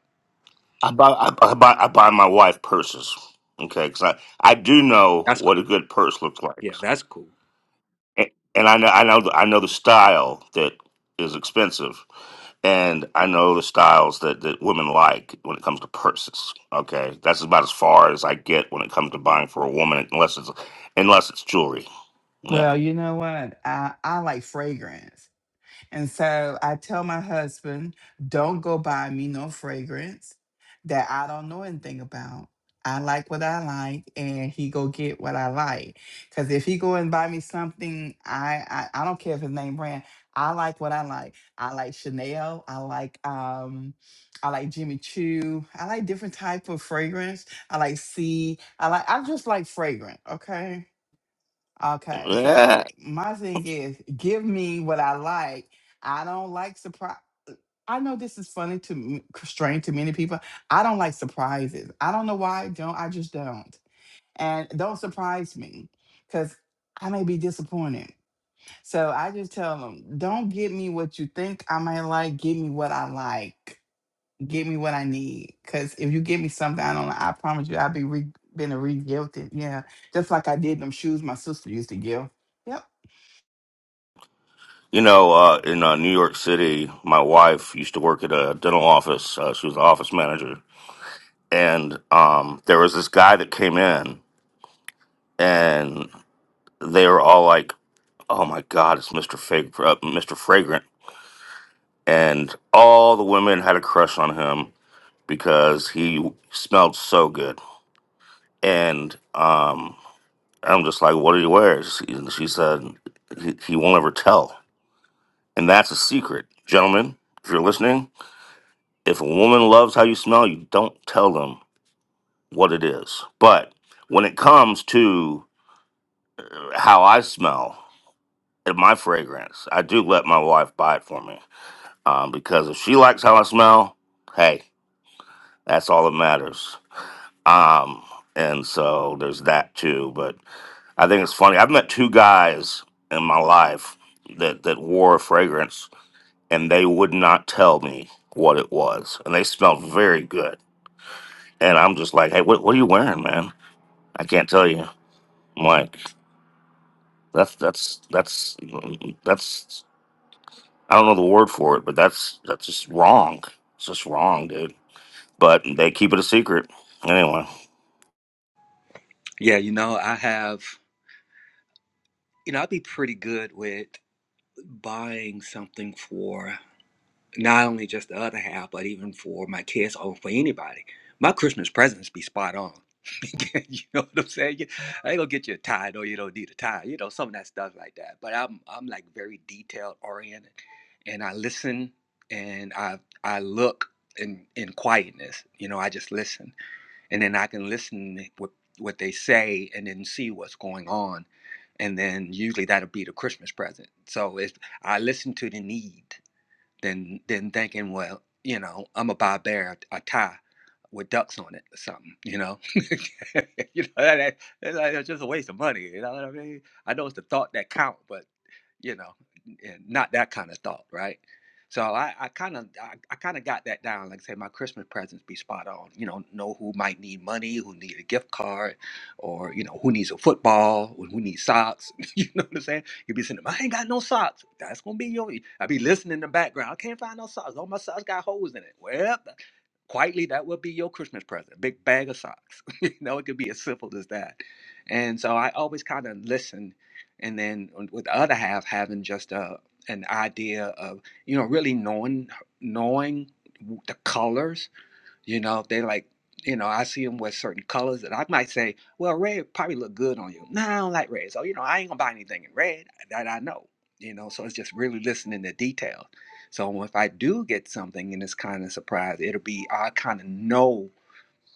buy I, buy- I buy I buy my wife purses, okay? Because I I do know
That's cool.
what a good purse looks like.
Yeah, that's cool.
and and I know I know I know the style that is expensive, and I know the styles that that women like when it comes to purses. Okay, that's about as far as I get when it comes to buying for a woman, unless it's unless it's jewelry. Yeah.
Well, you know what? I, I like fragrance. And so I tell my husband, don't go buy me no fragrance that I don't know anything about. I like what I like, and he go get what I like. Cause if he go and buy me something, I I, I don't care if his name brand. I like what I like. I like Chanel. I like um, I like Jimmy Choo. I like different type of fragrance. I like C. I like I just like fragrant. Okay Okay, so
Yeah.
my thing is give me what I like. I don't like surprise. I know this is funny to m- strange to many people. I don't like surprises. I don't know why I don't. I just don't. And don't surprise me because I may be disappointed. So I just tell them, don't give me what you think I might like. Give me what I like give me what I need. Cause if you give me something I don't, like, I promise you, I'll be re- been a re gifted. Yeah, just like I did them shoes my sister used to give. Yep,
You know, uh, in uh, New York City, my wife used to work at a dental office. Uh, she was an office manager, and um, there was this guy that came in, and they were all like, "Oh my God, it's Mister Fag- uh, Mister Fragrant." and all the women had a crush on him because he smelled so good. And um, I'm just like, what did he wear? She, she said, he, he won't ever tell. And that's a secret. Gentlemen, if you're listening, if a woman loves how you smell, you don't tell them what it is. But when it comes to how I smell and my fragrance, I do let my wife buy it for me. Um, because if she likes how I smell, hey, that's all that matters. Um, and so there's that too. But I think it's funny. I've met two guys in my life that that wore a fragrance, and they would not tell me what it was, and they smelled very good. And I'm just like, hey, what what are you wearing, man? I can't tell you. I'm like, that's that's that's that's I don't know the word for it, but that's that's just wrong. It's just wrong, dude. But they keep it a secret anyway.
yeah. You know, I have. You know, I'd be pretty good with buying something for not only just the other half, but even for my kids or for anybody. My Christmas presents be spot on. you know what I'm saying? You- I ain't gonna get you a tie, though. You don't need a tie. You know some of that stuff like that. But I'm I'm like very detail oriented. and I listen and I I look in in quietness. You know, I just listen, and then I can listen with what they say, and then see what's going on, and then usually that'll be the Christmas present. So if I listen to the need, then then thinking, well, you know, I'm gonna buy a bear a tie with ducks on it or something, you know, you know that, that- that's like- that's just a waste of money. You know what I mean? I know it's the thought that count, but you know, and not that kind of thought, right? So I, kind of, I, I kind of got that down. Like I said, my Christmas presents be spot on. You know, know who might need money, who need a gift card, or you know, who needs a football, or who needs socks. you know what I'm saying? You be saying, I ain't got no socks. That's gonna be your. I be listening in the background. I can't find no socks. All my socks got holes in it. Well, quietly that would be your christmas present a big bag of socks you know it could be as simple as that and so i always kind of listen and then with the other half having just a an idea of you know really knowing knowing the colors you know, they like, you know, I see them with certain colors, and I might say, "Well, red probably look good on you." No, I don't like red, so you know, I ain't gonna buy anything in red that I know. You know, so it's just really listening to details. So if I do get something and it's kind of surprise, it'll be I kind of know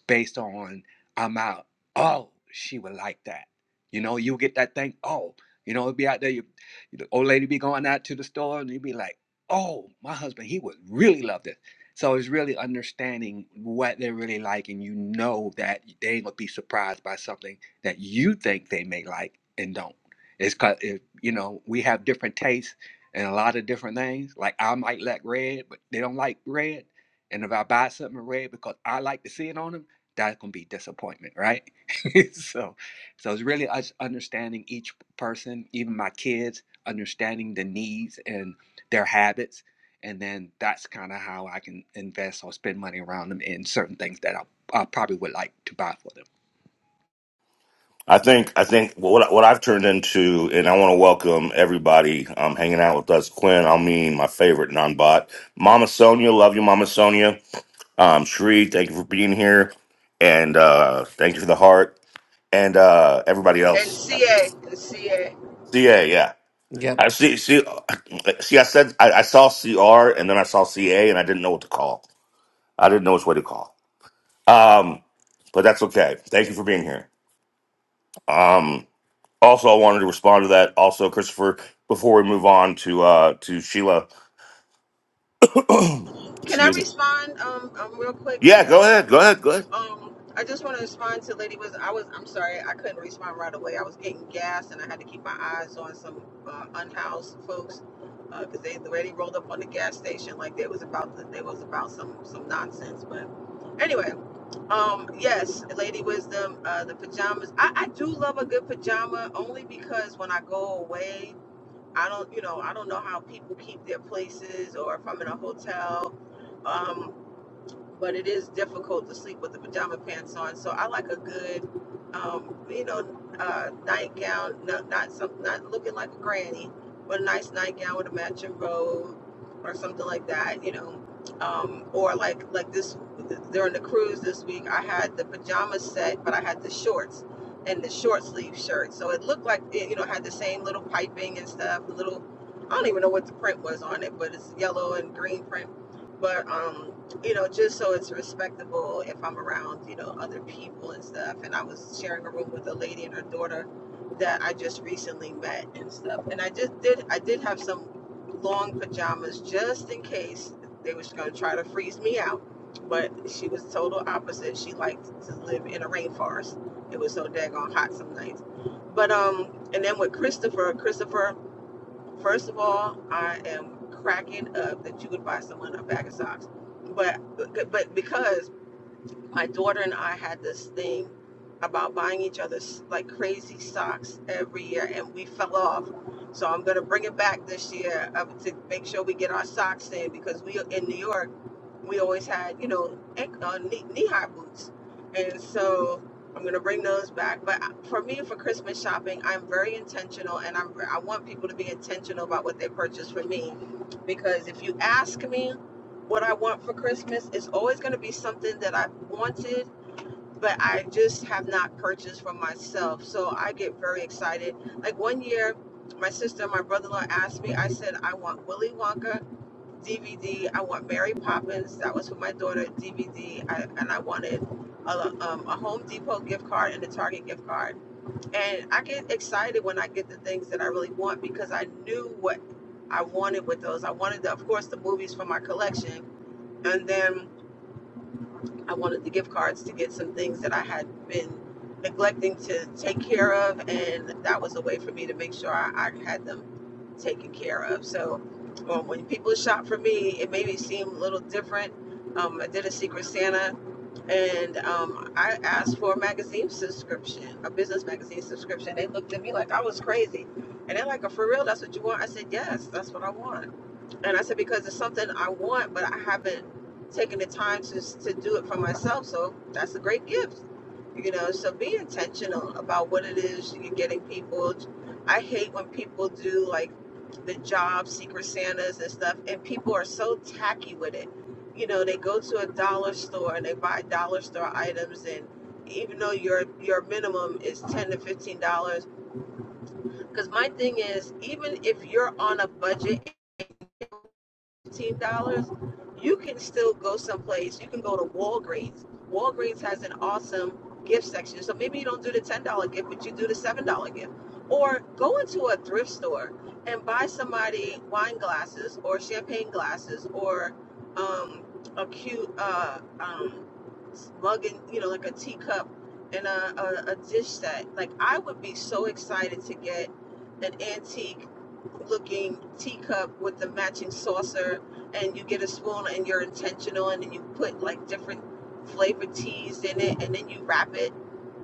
based on I'm out. Oh, she would like that. You know, you get that thing. Oh, you know, it'd be out there. You, the old lady be going out to the store, and you'd be like, "Oh, my husband, he would really love this." So it's really understanding what they really like, and you know that they ain't gonna be surprised by something that you think they may like and don't. It's cause it, you know we have different tastes and a lot of different things. Like I might like red, but they don't like red. And if I buy something red because I like to see it on them that can be disappointment, right? so, so it's really us understanding each person, even my kids, understanding the needs and their habits, and then that's kind of how I can invest or spend money around them in certain things that I, I probably would like to buy for them.
I think I think what what I've turned into, and I want to welcome everybody um, hanging out with us. Quinn, I mean, my favorite non-bot, Mama Sonia, love you, Mama Sonia. Um, Shree, thank you for being here, and uh, thank you for the heart, and uh, everybody
And
else.
CA, and CA.
CA, yeah,
Yep.
I see. See, see, I said I, I saw CR, and then I saw CA, and I didn't know what to call. I didn't know which way to call. Um, but that's okay. Thank you for being here. Um, Also, I wanted to respond to that. Also, Christopher, before we move on to uh to Sheila,
Can I
excuse me.
respond um, um real quick
Yeah,
too?
go ahead, go ahead, go ahead.
Um, I just want to respond to Lady Wisdom. I was, I'm sorry, I couldn't respond right away. I was getting gas, and I had to keep my eyes on some uh, unhoused folks because they already rolled up on the gas station like they was about to, they was about some some nonsense. But anyway, um, yes, Lady Wisdom, uh, the pajamas. I, I do love a good pajama only because when I go away, I don't, you know, I don't know how people keep their places or if I'm in a hotel. um but it is difficult to sleep with the pajama pants on. So I like a good, um, you know, uh, nightgown, not not some, not looking like a granny, but a nice nightgown with a matching robe or something like that, you know. Um, or like like this during the cruise this week, I had the pajama set, but I had the shorts and the short sleeve shirt. So it looked like it, you know, had the same little piping and stuff, the little. I don't even know what the print was on it, but it's yellow and green print. But um, you know, just so it's respectable if I'm around, you know, other people and stuff. And I was sharing a room with a lady and her daughter that I just recently met and stuff. And I just did, I did have some long pajamas just in case they was going to try to freeze me out. But she was total opposite. She liked to live in a rainforest. It was so daggone hot some nights. But um, and then with Christopher, Christopher First of all, I am cracking up that you would buy someone a bag of socks, but but because my daughter and I had this thing about buying each other's like crazy socks every year, and we fell off. So I'm gonna bring it back this year uh, to make sure we get our socks in because we in New York, we always had you know ankle- uh, knee knee high boots, and so I'm gonna bring those back. But uh, for me, for Christmas shopping, I'm very intentional, and I'm I want people to be intentional about what they purchase for me, because if you ask me what I want for Christmas is always going to be something that I've wanted, but I just have not purchased for myself. So I get very excited. Like one year, my sister and my brother in law asked me, I said, I want Willy Wonka DVD. I want Mary Poppins. That was for my daughter DVD. and I wanted a, um, a Home Depot gift card and a Target gift card. And I get excited when I get the things that I really want because I knew what I wanted with those. I wanted, the, of course, the movies from my collection and then I wanted the gift cards to get some things that I had been neglecting to take care of, and that was a way for me to make sure I, I had them taken care of. So um, when people shop for me, it made me seem a little different. Um, I did a Secret Santa, and um, I asked for a magazine subscription, a business magazine subscription. They looked at me like I was crazy, and they're like, "Oh, "For real? That's what you want?" I said, "Yes, that's what I want." And I said, because it's something I want, but I haven't taken the time to, to do it for myself. So that's a great gift. You know, so be intentional about what it is you're getting people. I hate when people do like the job secret Santas and stuff, and people are so tacky with it. You know, they go to a dollar store and they buy dollar store items, and even though your your minimum is ten to fifteen dollars, because my thing is, even if you're on a budget fifteen dollars, you can still go someplace. You can go to Walgreens. Walgreens has an awesome gift section. So maybe you don't do the ten dollar gift, but you do the seven dollar gift. Or go into a thrift store and buy somebody wine glasses or champagne glasses or um, a cute uh, um, mug and you know like a teacup and a, a, a dish set. Like I would be so excited to get an antique looking teacup with the matching saucer and you get a spoon and you're intentional and then you put like different flavored teas in it and then you wrap it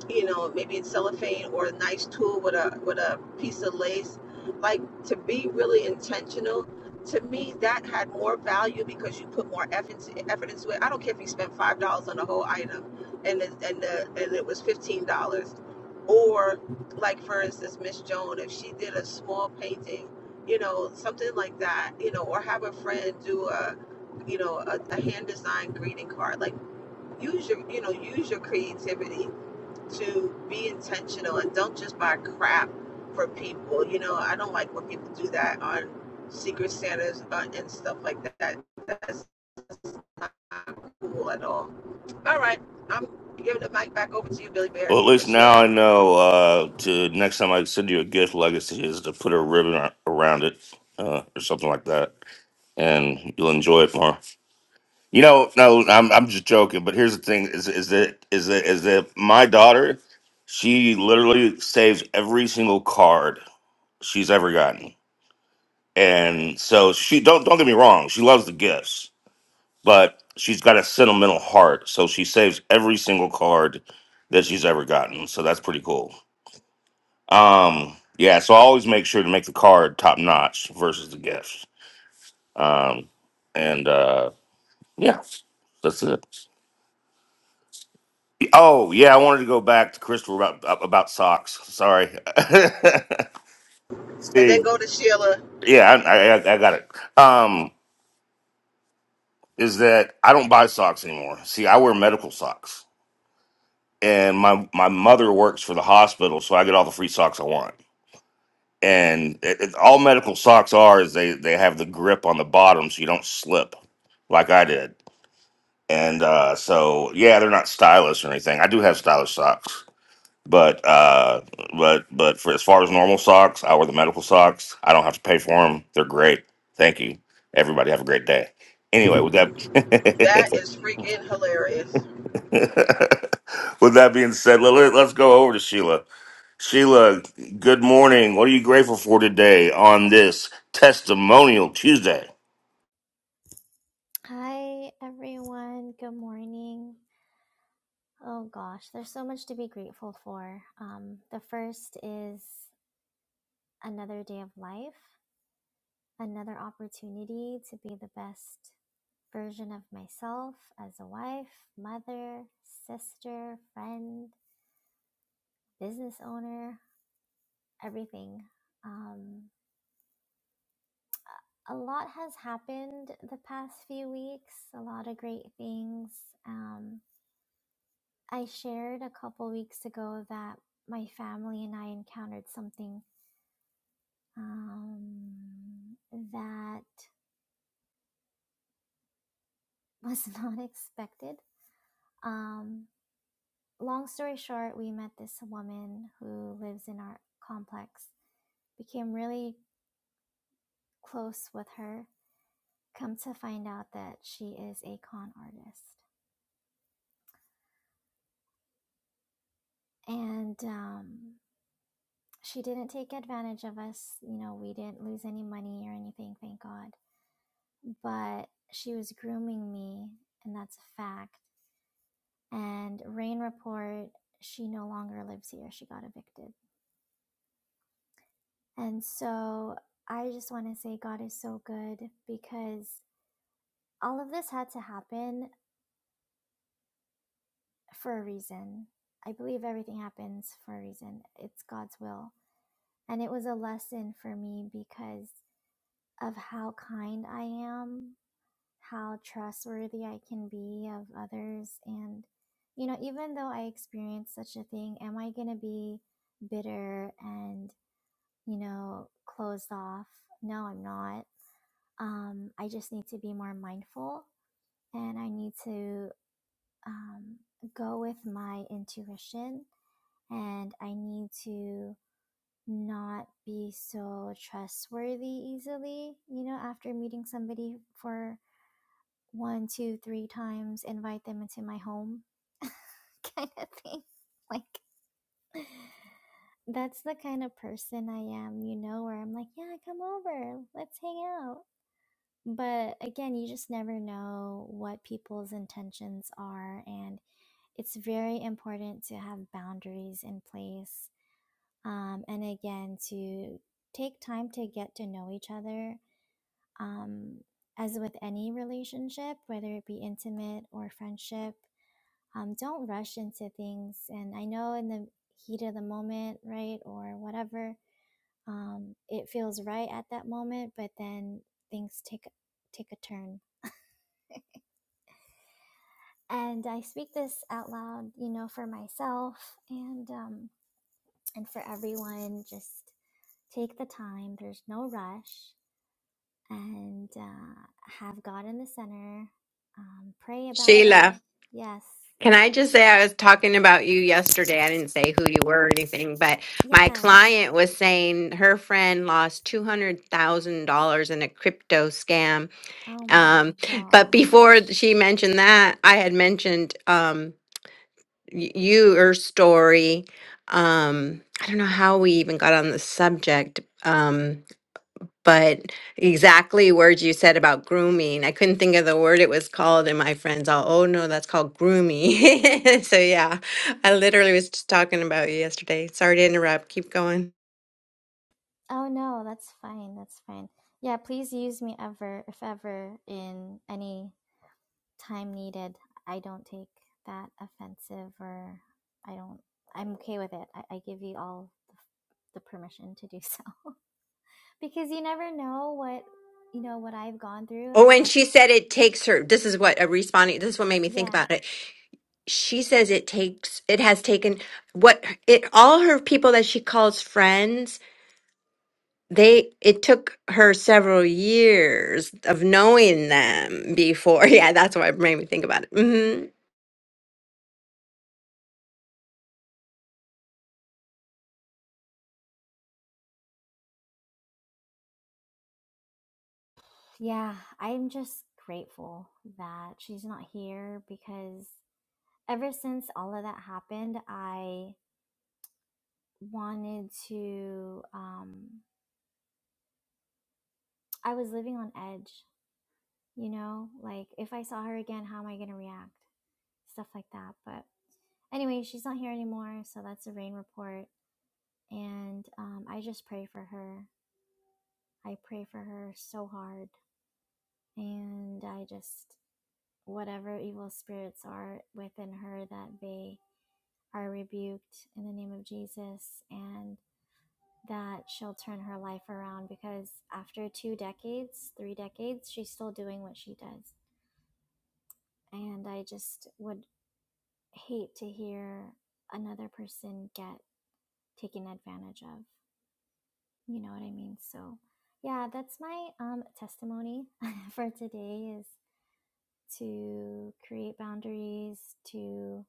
you know, maybe it's cellophane or a nice tool with a with a piece of lace. Like to be really intentional. To me, that had more value because you put more effort effort into it. I don't care if you spent five dollars on a whole item, and it, and the, and it was fifteen dollars, or like for instance, Miss Joan, if she did a small painting, you know, something like that, you know, or have a friend do a, you know, a, a hand designed greeting card. Like use your, you know, use your creativity to be intentional and don't just buy crap for people. You know, I don't like when people do that on Secret Santas uh, and stuff like that. That's not cool at all. All right, I'm giving the mic back over to you, Billy Bear,
Well, at
for
least
Sheila.
now I know. Uh, to next time I send you a gift, legacy is to put a ribbon ar- around it, uh, or something like that, and you'll enjoy it more. You know, no, I'm I'm just joking. But here's the thing: is is that is that is that my daughter? She literally saves every single card she's ever gotten and so she don't don't get me wrong she loves the gifts but she's got a sentimental heart so she saves every single card that she's ever gotten so that's pretty cool um yeah so i always make sure to make the card top notch versus the gift. um and uh yeah that's it oh yeah i wanted to go back to crystal about about socks sorry
And then
see
go to Sheila.
yeah i i, I got it um is that i don't buy socks anymore see i wear medical socks and my my mother works for the hospital, so I get all the free socks I want. And it, it- all medical socks are is they they have the grip on the bottom, so you don't slip, like I did. And uh, so yeah, they're not stylish or anything. I do have stylish socks, but uh, but but for as far as normal socks, I wear the medical socks. I don't have to pay for them. They're great. Thank you, everybody. Have a great day. Anyway, with that
That is freaking hilarious.
With that being said, let, us go over to Sheila. Sheila, good morning. What are you grateful for today on this testimonial Tuesday?
Hi, everyone. Good morning. Oh gosh, there's so much to be grateful for. Um, the first is another day of life, another opportunity to be the best version of myself as a wife, mother, sister, friend, business owner, everything. Um, a lot has happened the past few weeks, a lot of great things. Um, I shared a couple weeks ago that my family and I encountered something um, that was not expected. Um, long story short, we met this woman who lives in our complex, became really close with her. Come to find out that she is a con artist. And um, she didn't take advantage of us. You know, we didn't lose any money or anything, thank God. But she was grooming me, and that's a fact. and rain report she no longer lives here she got evicted and so i just want to say god is so good because all of this had to happen for a reason i believe everything happens for a reason it's god's will and it was a lesson for me because of how kind i am how trustworthy i can be of others and you know even though i experienced such a thing am i going to be bitter and you know, closed off. No, I'm not. Um, I just need to be more mindful and I need to um, go with my intuition and I need to not be so trustworthy easily. You know, after meeting somebody for one, two, three times, invite them into my home kind of thing. Like, that's the kind of person I am, you know, where I'm like, yeah, come over, let's hang out. But again, you just never know what people's intentions are. And it's very important to have boundaries in place. Um, and again, to take time to get to know each other. Um, as with any relationship, whether it be intimate or friendship, um, don't rush into things. And I know in the heat of the moment, right, or whatever, um, it feels right at that moment, but then things take take a turn. and I speak this out loud, you know, for myself and um, and for everyone. Just take the time. There's no rush, and uh, have God in the center. Um, pray about it.
Sheila,
Yes,
can I just say I was talking about you yesterday? I didn't say who you were or anything, but
yeah.
my client was saying her friend lost $200,000 in a crypto scam.
Oh my
Um, but before
gosh.
she mentioned that, I had mentioned. Um, y- your story. Um, I don't know how we even got on the subject, um, but exactly words you said about grooming. I couldn't think of the word it was called, and my friends all, oh no, that's called grooming. so yeah, I literally was just talking about you yesterday. Sorry to interrupt. Keep going.
Oh no, that's fine. That's fine. Yeah, please use me ever, if ever, in any time needed. I don't take that offensive or I don't, I'm okay with it. I, I give you all the, the permission to do so because you never know what, you know, what I've gone through,
Oh, and
how,
she said it takes her. This is what a responding. This is what made me think
yeah,
about it. She says it takes. It has taken what it all her people that she calls friends they it took her several years of knowing them before yeah that's what made me think about it hmm
yeah. I'm just grateful that she's not here because ever since all of that happened, I wanted to, um, I was living on edge, you know, like if I saw her again, how am I going to react? stuff like that. But anyway, she's not here anymore, so that's the rain report. And um, I just pray for her. I pray for her so hard. And I just, whatever evil spirits are within her, that they are rebuked in the name of Jesus and that she'll turn her life around because after two decades, three decades, she's still doing what she does. And I just would hate to hear another person get taken advantage of. You know what I mean? So, yeah, that's my um, testimony for today is to create boundaries, to,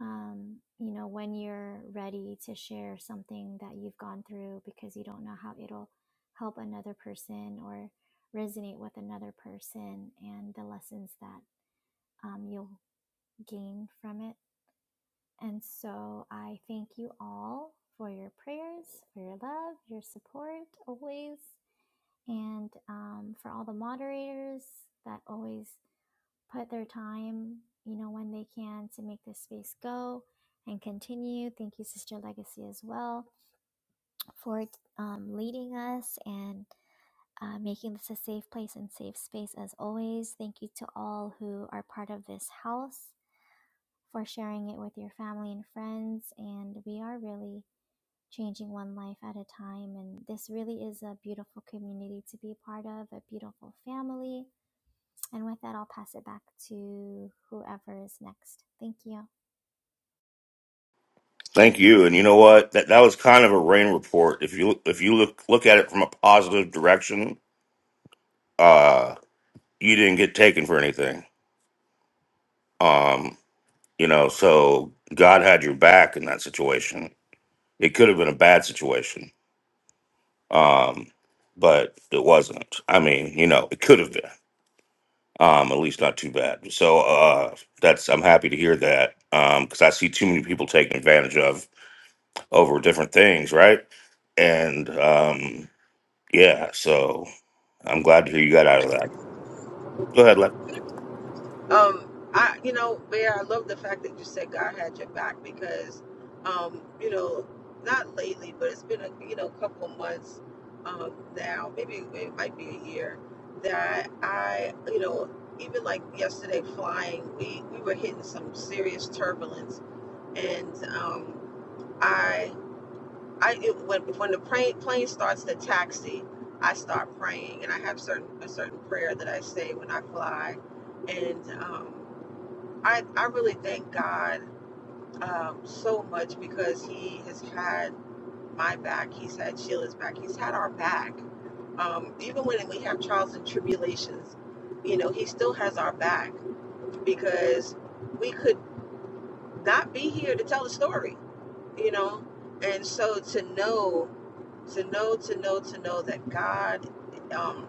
um, you know, when you're ready to share something that you've gone through because you don't know how it'll help another person or resonate with another person and the lessons that um, you'll gain from it And so I thank you all for your prayers, for your love, your support always, and um, for all the moderators that always put their time, you know, when they can to make this space go and continue. Thank you, Sister Legacy, as well, for um, leading us and uh, making this a safe place and safe space as always. Thank you to all who are part of this house for sharing it with your family and friends. And we are really changing one life at a time. And this really is a beautiful community to be a part of, a beautiful family. And with that, I'll pass it back to whoever is next. Thank you.
Thank you. And you know what? That that was kind of a rain report. If you if you look look at it from a positive direction, uh, you didn't get taken for anything. Um, you know, so God had your back in that situation. It could have been a bad situation, um, but it wasn't. I mean, you know, it could have been. um, at least not too bad. So uh, that's I'm happy to hear that because I see too many people taking advantage of over different things, right? And um, yeah, so I'm glad to hear you got out of that. Go ahead, Lev.
um i you know bear i love the fact that you said god had your back because um you know not lately but it's been a you know couple months um now maybe it might be a year that i you know even like yesterday flying we we were hitting some serious turbulence and um i i it, when when the plane plane starts to taxi i start praying and i have certain a certain prayer that i say when i fly and um I, I really thank God um, so much because He has had my back. He's had Sheila's back. He's had our back. Um, even when we have trials and tribulations, you know, He still has our back because we could not be here to tell the story you know and so to know to know to know to know that god um,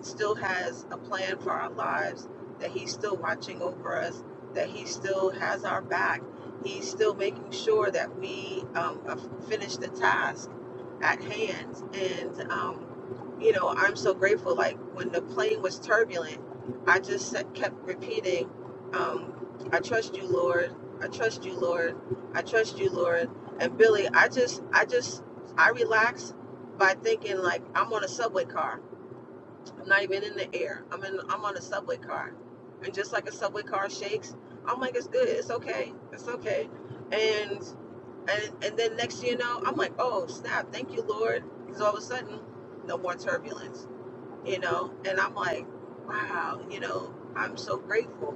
still has a plan for our lives that he's still watching over us that he still has our back he's still making sure that we um, uh, finish the task at hand and um, you know i'm so grateful like when the plane was turbulent i just kept repeating um, i trust you lord i trust you lord I trust you, Lord. And Billy, I just, I just, I relax by thinking like I'm on a subway car. I'm not even in the air. I'm in, I'm on a subway car, and just like a subway car shakes, I'm like, it's good, it's okay, it's okay. And and and then next thing you know, I'm like, oh snap, thank you Lord, because all of a sudden, no more turbulence you know and i'm like wow you know i'm so grateful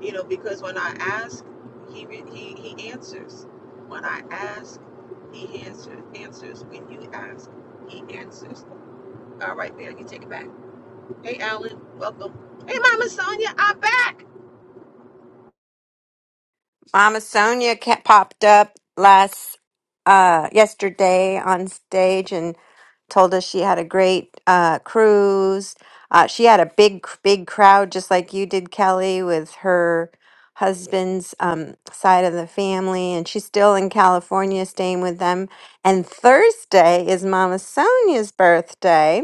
you know because when i ask he re- he he answers when i ask he answers answers when you ask he answers all right man you take it back hey alan welcome hey mama sonia i'm back
mama sonia ca- popped up last uh yesterday on stage and told us she had a great uh cruise uh she had a big big crowd just like you did kelly with her husband's um side of the family and she's still in california staying with them and thursday is mama sonia's birthday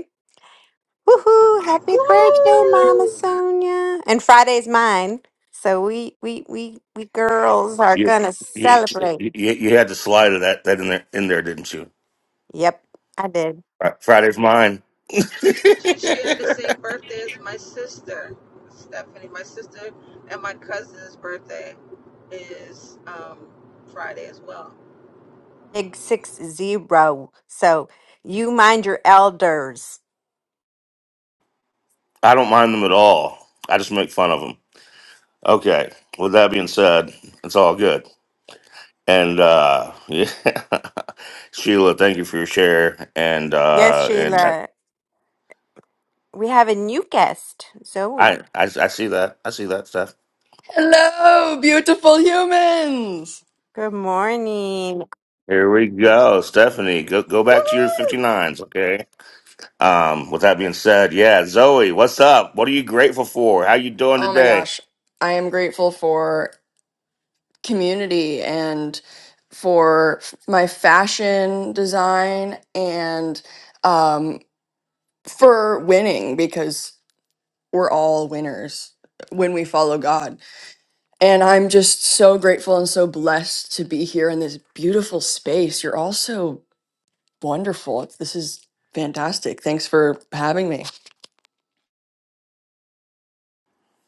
Woohoo! Happy birthday, Mama
Woo!
Sonia. And Friday's mine. So we we we we girls are
You,
gonna
you,
celebrate.
you, you had to slide of that that in there in there, didn't you?
Yep, I did.
Fri- Friday's mine.
you share the same birthday as my sister stephanie my sister and my cousin's birthday is um friday as well
Big six zero. So you mind your elders.
I don't mind them at all. I just make fun of them. Okay. With that being said, it's all good. And uh yeah, Sheila, thank you for your share. And
Yes,
uh and
Sheila. We have a new guest, Zoe.
I, I I see that. I see that Steph.
Hello, beautiful humans!
Good morning.
Here we go, Stephanie. Go go back to your
Woohoo!
59s, okay? Um with that being said, yeah, Zoe, what's up? What are you grateful for? How you doing
Oh my
today?
gosh, I am grateful for community and for f- my fashion design and um, for winning because we're all winners when we follow God. And I'm just so grateful and so blessed to be here in this beautiful space. You're all so wonderful. This is fantastic. Thanks for having me.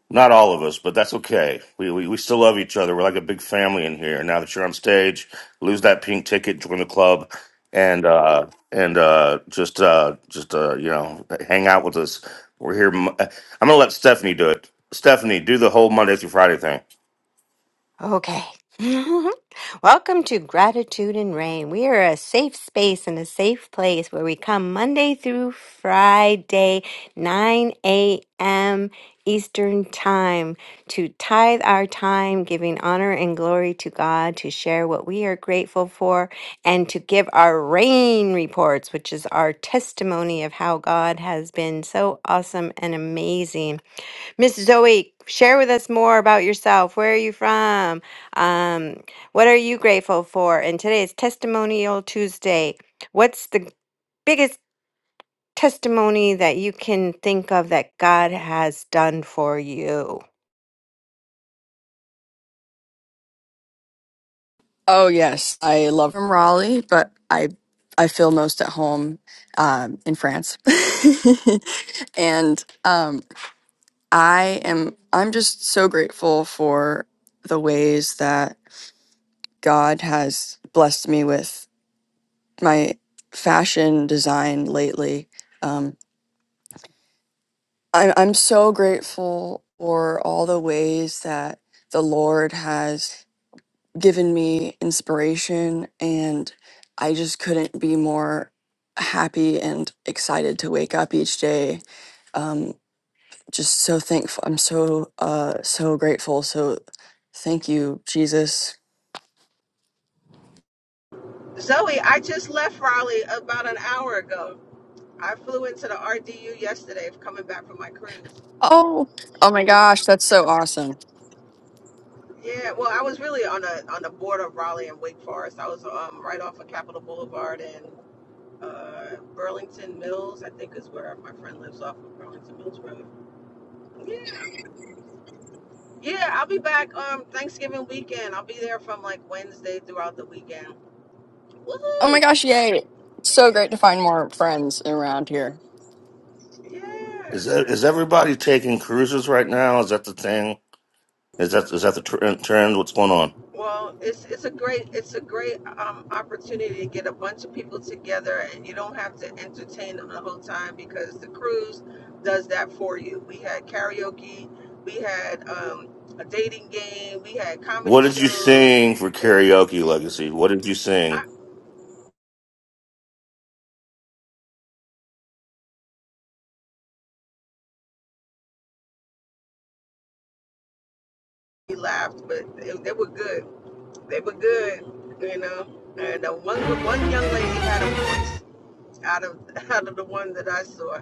Not all of us, but that's okay. We, we we still love each other. We're like a big family in here. Now that you're on stage, lose that pink ticket, join the club, and uh, and uh, just uh, just uh, you know hang out with us. We're here. Mo- I'm gonna let Stephanie do it. Stephanie, do the whole Monday through Friday thing.
Okay. Welcome to Gratitude and Rain. We are a safe space and a safe place where we come Monday through Friday, 9 a.m. Eastern Time, to tithe our time, giving honor and glory to God, to share what we are grateful for, and to give our rain reports, which is our testimony of how God has been so awesome and amazing. Miss Zoe, share with us more about yourself. Where are you from? Um, what are you grateful for? And today is Testimonial Tuesday. What's the biggest testimony that you can think of that God has done for you?
Oh yes, I love from Raleigh, but I I feel most at home um, in France, and um, I am I'm just so grateful for the ways that God has blessed me with my fashion design lately. Um, I'm I'm so grateful for all the ways that the Lord has given me inspiration, and I just couldn't be more happy and excited to wake up each day. Um, just so thankful. I'm so uh so grateful. So thank you, Jesus.
Zoe, I just left Raleigh about an hour ago. I flew into the RDU yesterday, coming back from my cruise.
Oh, oh my gosh, that's so awesome.
Yeah, well, I was really on the on the border of Raleigh and Wake Forest. I was um, right off of Capitol Boulevard and uh, Burlington Mills. I think is where my friend lives off of Burlington Mills Road. Yeah, yeah. I'll be back um Thanksgiving weekend. I'll be there from like Wednesday throughout the weekend.
Oh my
Woohoo!
gosh, yay! It's so great to find more friends around here.
Is
Yes.
that, is everybody taking cruises right now? Is that the thing? Is that is that the tr- trend? What's going on?
Well, it's it's a great it's a great um, opportunity to get a bunch of people together, and you don't have to entertain them the whole time because the cruise does that for you. We had karaoke, we had um, a dating game, we had
What
comedy
did you
shows.
sing for
There's
karaoke legacy? What did you sing?
I we laughed, but they, they were good. They were good, you know. And uh, one good, one young lady had a voice. out of out of the one that I saw.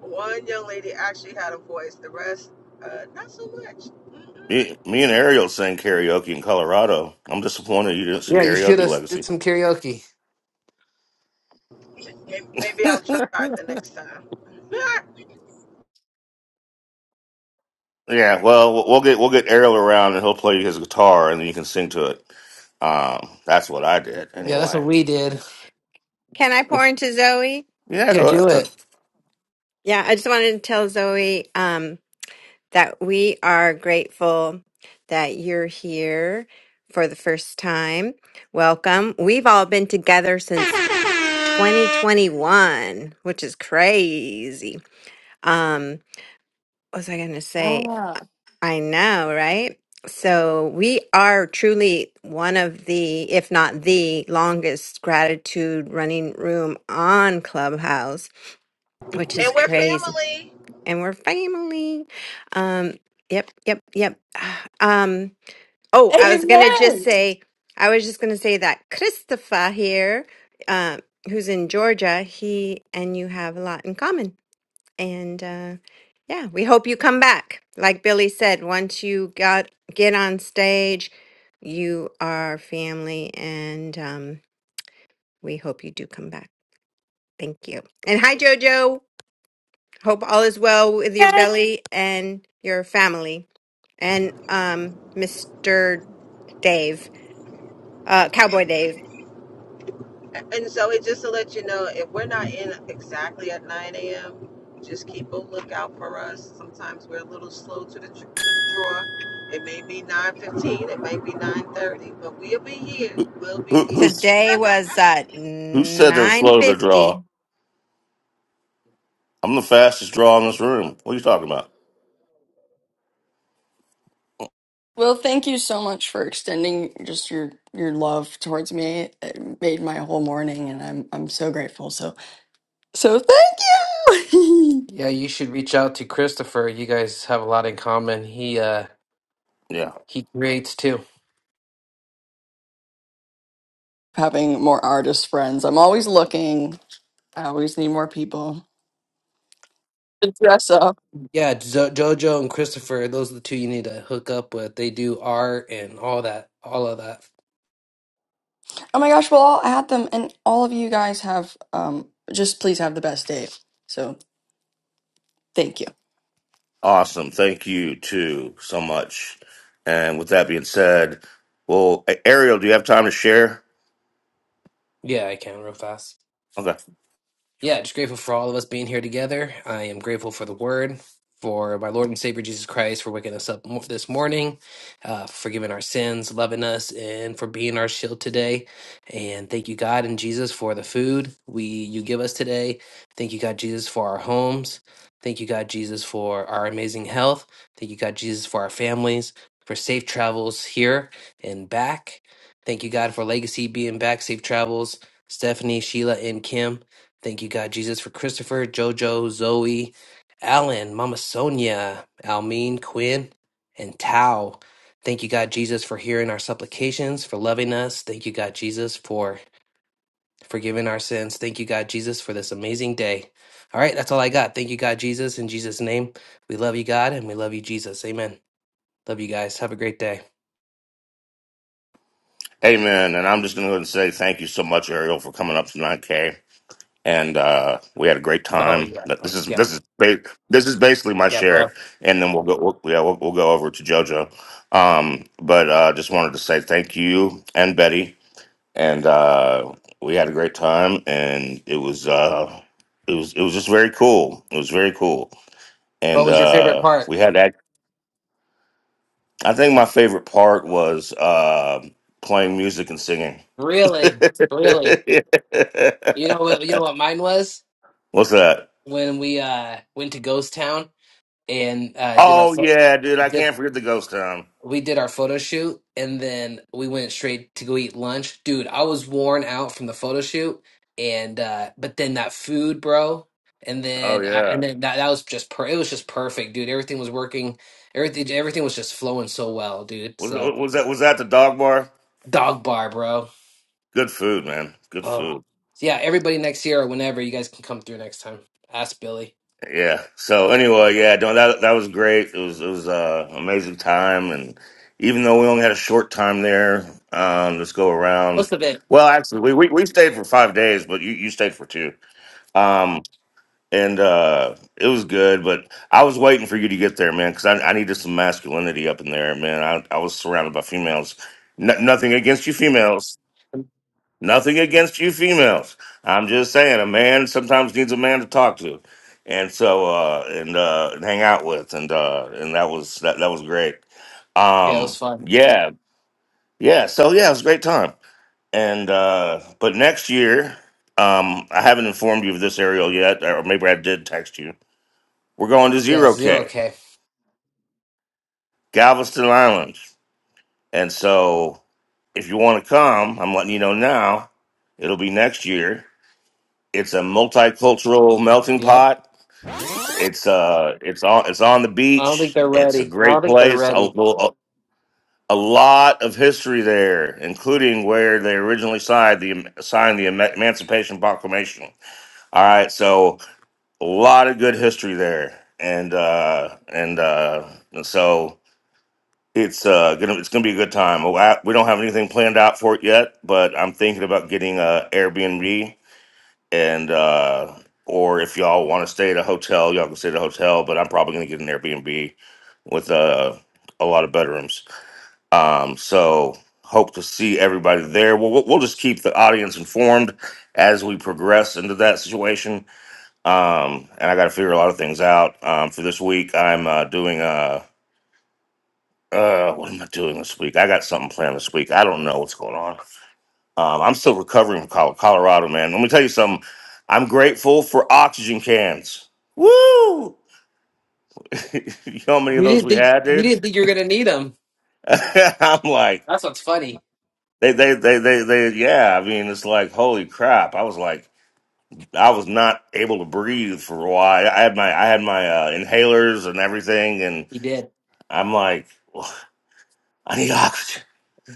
One young lady actually had a voice. The rest, uh, not so much. Mm-mm.
Me, me and Ariel sang karaoke in Colorado. I'm disappointed you didn't sing
Yeah, you should
karaoke
have did
legacy.
some karaoke.
Maybe, I'll try it the next time.
Yeah, well, we'll we'll get we'll get Ariel around and he'll play his guitar and then you can sing to it. Um, that's what I did
Yeah, that's
anyway.
what we did.
Can I pour into Zoe?
Yeah,
Yeah,
go
do
ahead.
it.
Yeah, I just wanted to tell Zoe um, that we are grateful that you're here for the first time. Welcome. We've all been together since 2021, which is crazy. Um, what was I going to say?
Wow.
I know, right? So we are truly one of the, if not the longest gratitude running room on Clubhouse, which is
and we're
crazy.
family,
And we're family. Um, yep, yep, yep. Um, Oh, I was gonna just
Amen.
say, I was just gonna say that Christopher here, uh, who's in Georgia, he and you have a lot in common, and uh, yeah, we hope you come back. Like Billy said, once you got get on stage, you are family, and um, we hope you do come back. Thank you, and hi Jojo. Hope all is well with your belly and your family, and um, Mr. Dave, uh, Cowboy Dave.
and so it just to let you know, if we're not in exactly at 9 a.m., just keep a lookout for us. Sometimes we're a little slow to the to the draw. It may be 9:15, it may be 9:30, but we'll be here. We'll be
Who who
here.
Today was at
who said they are
nine
slow to
fifty.
draw? I'm the fastest draw in this room. What are you talking about?
Well, thank you so much for extending just your your love towards me. It made my whole morning, and I'm I'm so grateful. So so thank you.
Yeah, you should reach out to Christopher. You guys have a lot in common. He uh
Yeah,
he creates too.
Having more artist friends, I'm always looking. I always need more people to dress up.
Yeah, jo- Jojo and Christopher, those are the two you need to hook up with. They do art and all that, all of that.
Oh my gosh! Well, I'll add them, and all of you guys have um just please have the best day. So thank you.
awesome. Thank you too so much. And with that being said, well, A- Ariel, do you have time to share?
Yeah, I can real fast.
Okay.
Yeah, just grateful for all of us being here together. I am grateful for the word, for my Lord and Savior Jesus Christ, for waking us up mo- this morning, uh, for forgiving our sins, loving us, and for being our shield today. And thank you, God and Jesus, for the food we you give us today. Thank you, God Jesus, for our homes. Thank you, God Jesus, for our amazing health. Thank you, God Jesus, for our families, for safe travels here and back. Thank you, God, for legacy being back, safe travels. Stephanie, Sheila, and Kim. Thank you, God Jesus, for Christopher, JoJo, Zoe, Alan, Mama Sonia, Almeen, Quinn, and Tao. Thank you, God Jesus, for hearing our supplications, for loving us. Thank you, God Jesus, for forgiving our sins. Thank you, God Jesus, for this amazing day. All right, that's all I got. Thank you, God Jesus. In Jesus' name, we love you, God, and we love you, Jesus. Amen. Love you guys. Have a great day.
Amen. And I'm just going to go ahead and say thank you so much, Ariel, for coming up to 9K. And uh, we had a great
Oh,
time.
yeah.
But This is
Yeah.
this is ba- this is basically my
Yeah,
share,
bro.
and then we'll go we'll, yeah we'll, we'll go over to JoJo. Um, but uh, just wanted to say thank you and Betty, and uh, we had a great time, and it was uh, it was it was just very cool. It was very cool,
What
and
was your favorite
uh,
part?
we had that. I think my favorite part was uh, playing music and singing
Really?
What's
Really? You know what you know what mine was?
that?
when we uh went to Ghost Town and uh did our
Oh
pho-
yeah, dude, I
did
can't forget the ghost town.
we did our photo shoot and then we went straight to go eat lunch. Dude, I was worn out from the photo shoot and uh but then that food, bro, and
Oh
then I, and
yeah,
then that that was just per it was just perfect, dude. Everything was working. Everything everything was just flowing so well, dude.
was,
So
was that was that the dog bar?
dog bar, bro.
Good food, man. Good
Oh.
food.
So yeah, everybody next year or whenever you guys can come through next time. Ask Billy.
Yeah. So anyway, yeah, no, that that was great. It was it was uh, amazing time, and even though we only had a short time there, um, this go around.
Most of it.
Well, actually, we, we we stayed for five days, but you you stayed for two. Um, and uh it was good but i was waiting for you to get there man because I, I needed some masculinity up in there man i, I was surrounded by females N- nothing against you females nothing against you females i'm just saying a man sometimes needs a man to talk to and so uh and uh and hang out with and uh and that was that, that was great
Yeah, it
um
was fun.
yeah yeah so yeah it was a great time and uh but next year um i haven't informed you of this ariel yet or maybe i did text you we're going to
Yeah,
zero
zero
K,
K.
Galveston Island. And so if you want to come, I'm letting you know now, it'll be next year. It's a multicultural melting
Yep.
pot. It's uh it's on it's on the
I don't think
beach.
they're
It's a
ready. I don't
great
think they're
place. A,
ready.
a, a lot of history there, including where they originally signed the signed the Eman- Emancipation Proclamation. All right, so a lot of good history there, and uh, and uh, and so It's uh gonna it's gonna be a good time. Oh, I- We don't have anything planned out for it yet, but I'm thinking about getting a Airbnb and uh or if y'all want to stay at a hotel, y'all can stay at a hotel. But I'm probably gonna get an Airbnb with uh a lot of bedrooms. Um, so hope to see everybody there. We'll we'll we'll just keep the audience informed as we progress into that situation. Um, and I got to figure a lot of things out. Um, for this week, I'm uh, doing uh, uh, what am I doing this week? I got something planned this week. I don't know what's going on. Um, I'm still recovering from Col- Colorado, man. Let me tell you something. I'm grateful for oxygen cans. Woo! you know how many of
You
those
didn't
we
think
had,
you didn't
dude?
think you were gonna need them.
I'm like,
That's what's funny.
they, they, they, they, they, yeah. I mean, it's like, holy crap. I was like, I was not able to breathe for a while. I had my, I had my uh, inhalers and everything, and
You did,
I'm like, I need oxygen.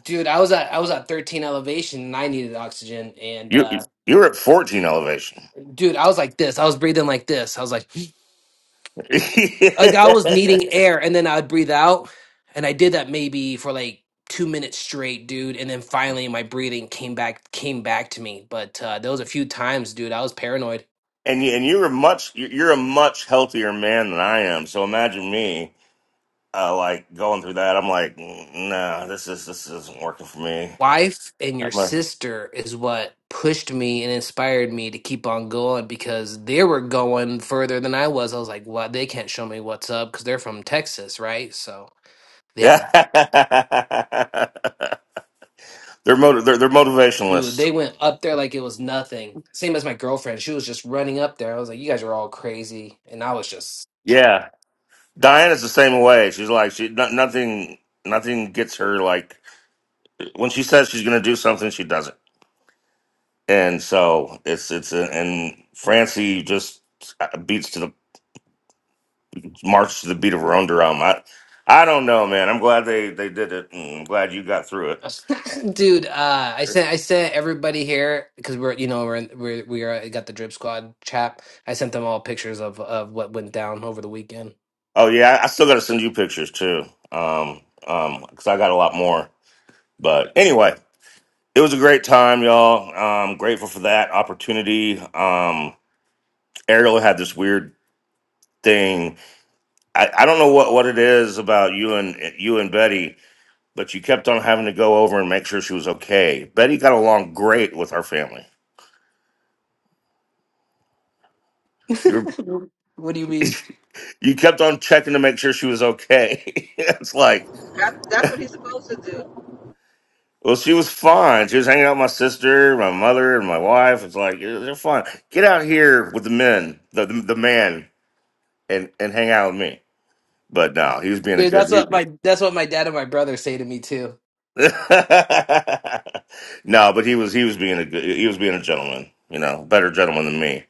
dude. I was at I was at 13 elevation and I needed oxygen. And
You,
uh,
you're at 14 elevation.
dude, I was like this. I was breathing like this. I was like
and
like I was needing air, and then I'd breathe out, and I did that maybe for like two minutes straight, dude. And then finally, my breathing came back came back to me. But uh, there was a few times, dude. I was paranoid.
you, and you're a much you're you're a much healthier man than I am. So imagine me, uh, like going through that. I'm like, "Mm, no, this is this isn't working for me.
wife and your
I'm a-
sister is what pushed me and inspired me to keep on going because they were going further than I was. I was like, "What? they can't show me what's up because they're from Texas, right?" So yeah,
yeah, they're motiv- they're they're
dude,
motivationalists.
they went up there like it was nothing. Same as my girlfriend, she was just running up there. I was like, "You guys are all crazy," and I was just.
Yeah, Diana's the same way. She's like she no, nothing nothing gets her like when she says she's gonna do something, she does it. And so it's it's and Francie just uh, beats to the march to the beat of her own drum. I, I don't know, man. I'm glad they they did it. and I'm glad you got through
Dude, uh, I
it.
sent I sent everybody here because we're you know we're in, we're we are got the drip squad chap. I sent them all pictures of of what went down over the weekend.
Oh yeah, I I still got to send you pictures too. Um, um, because I got a lot more. But anyway, it was a great time, y'all. Um, grateful for that opportunity. Um, Ariel had this weird thing. I, I don't know what what it is about you and you and Betty, but you kept on having to go over and make sure she was okay. Betty got along great with our family.
what do you mean?
you kept on checking to make sure she was okay. it's like,
That, that's what he's supposed to do.
well, she was fine. She was hanging out with my sister, my mother, and my wife. It's like "Yeah, they're fine. Get out here with the men, the the, the man, and and hang out with me. But no, he was being a
Dude,
good.
that's what
he-
my that's what my dad and my brother say to me too.
no, but he was he was being a good, he was being a gentleman. You know, better gentleman than me.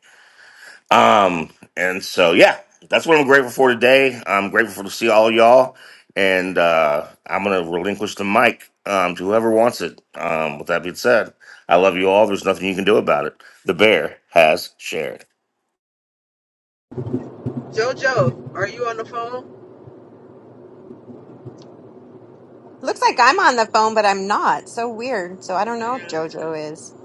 Um, and so yeah, that's what I'm grateful for today. I'm grateful for to see all y'all, and uh, I'm gonna relinquish the mic um, to whoever wants it. Um, with that being said, I love you all. There's nothing you can do about it. The bear has shared.
Jojo, are you on the phone?
Looks like I'm on the phone, but I'm not. So weird. So I don't know if
man.
JoJo is.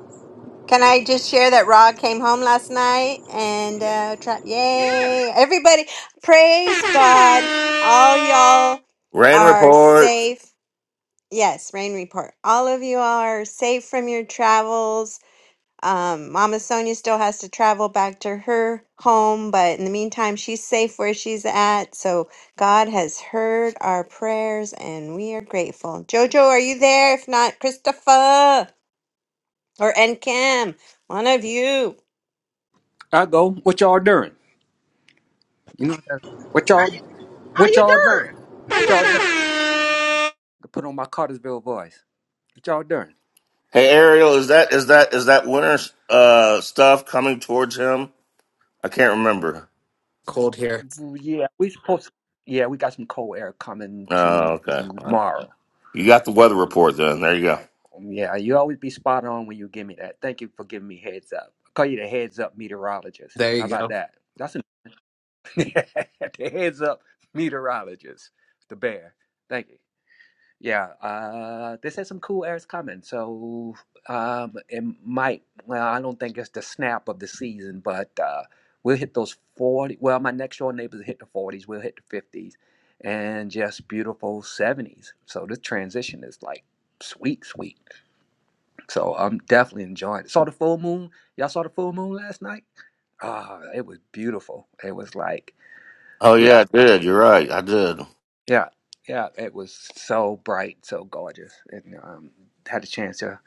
Can I just share that Rod came home last night and uh try
Yeah.
yay. Everybody praise God. All y'all
Rain
are
report.
safe. Yes, rain report. All of you are safe from your travels Um, Mama Sonia still has to travel back to her home, but in the meantime, she's safe where she's at. So God has heard our prayers and we are grateful. Jojo, are you there? If not, Christopher or Encam, one of you.
I go, what y'all doing? You know, what
How
y'all,
you how
what
you
y'all doing?
doing? How
What
you
y'all doing?
doing?
I put on my Cartersville voice. What y'all doing?
Hey Ariel, is that is that is that winter uh, stuff coming towards him? I can't remember.
Cold here.
Well, yeah, we supposed. yeah, we got some cold air coming
Oh, okay. All right.
tomorrow.
You got the weather report then. There you go.
Um, Yeah, you always be spot on when you give me that. Thank you for giving me heads up. I call you the heads up meteorologist.
There
How
you
about
go.
that? That's a, the heads up meteorologist, the bear. Thank you. Yeah, uh, this is some cool ass comments. So um, it might. Well, I don't think it's the snap of the season, but uh, we'll hit those forty. Well, my next door neighbors hit the forties. We'll hit the fifties, and just beautiful seventies. So this transition is like sweet, sweet. So I'm definitely enjoying it. Saw the full moon. Y'all saw the full moon last night? Ah, it was beautiful. It was like,
Oh yeah,
yeah,
I did. You're right. I did.
yeah, yeah. It was so bright, so gorgeous, and um, had a chance to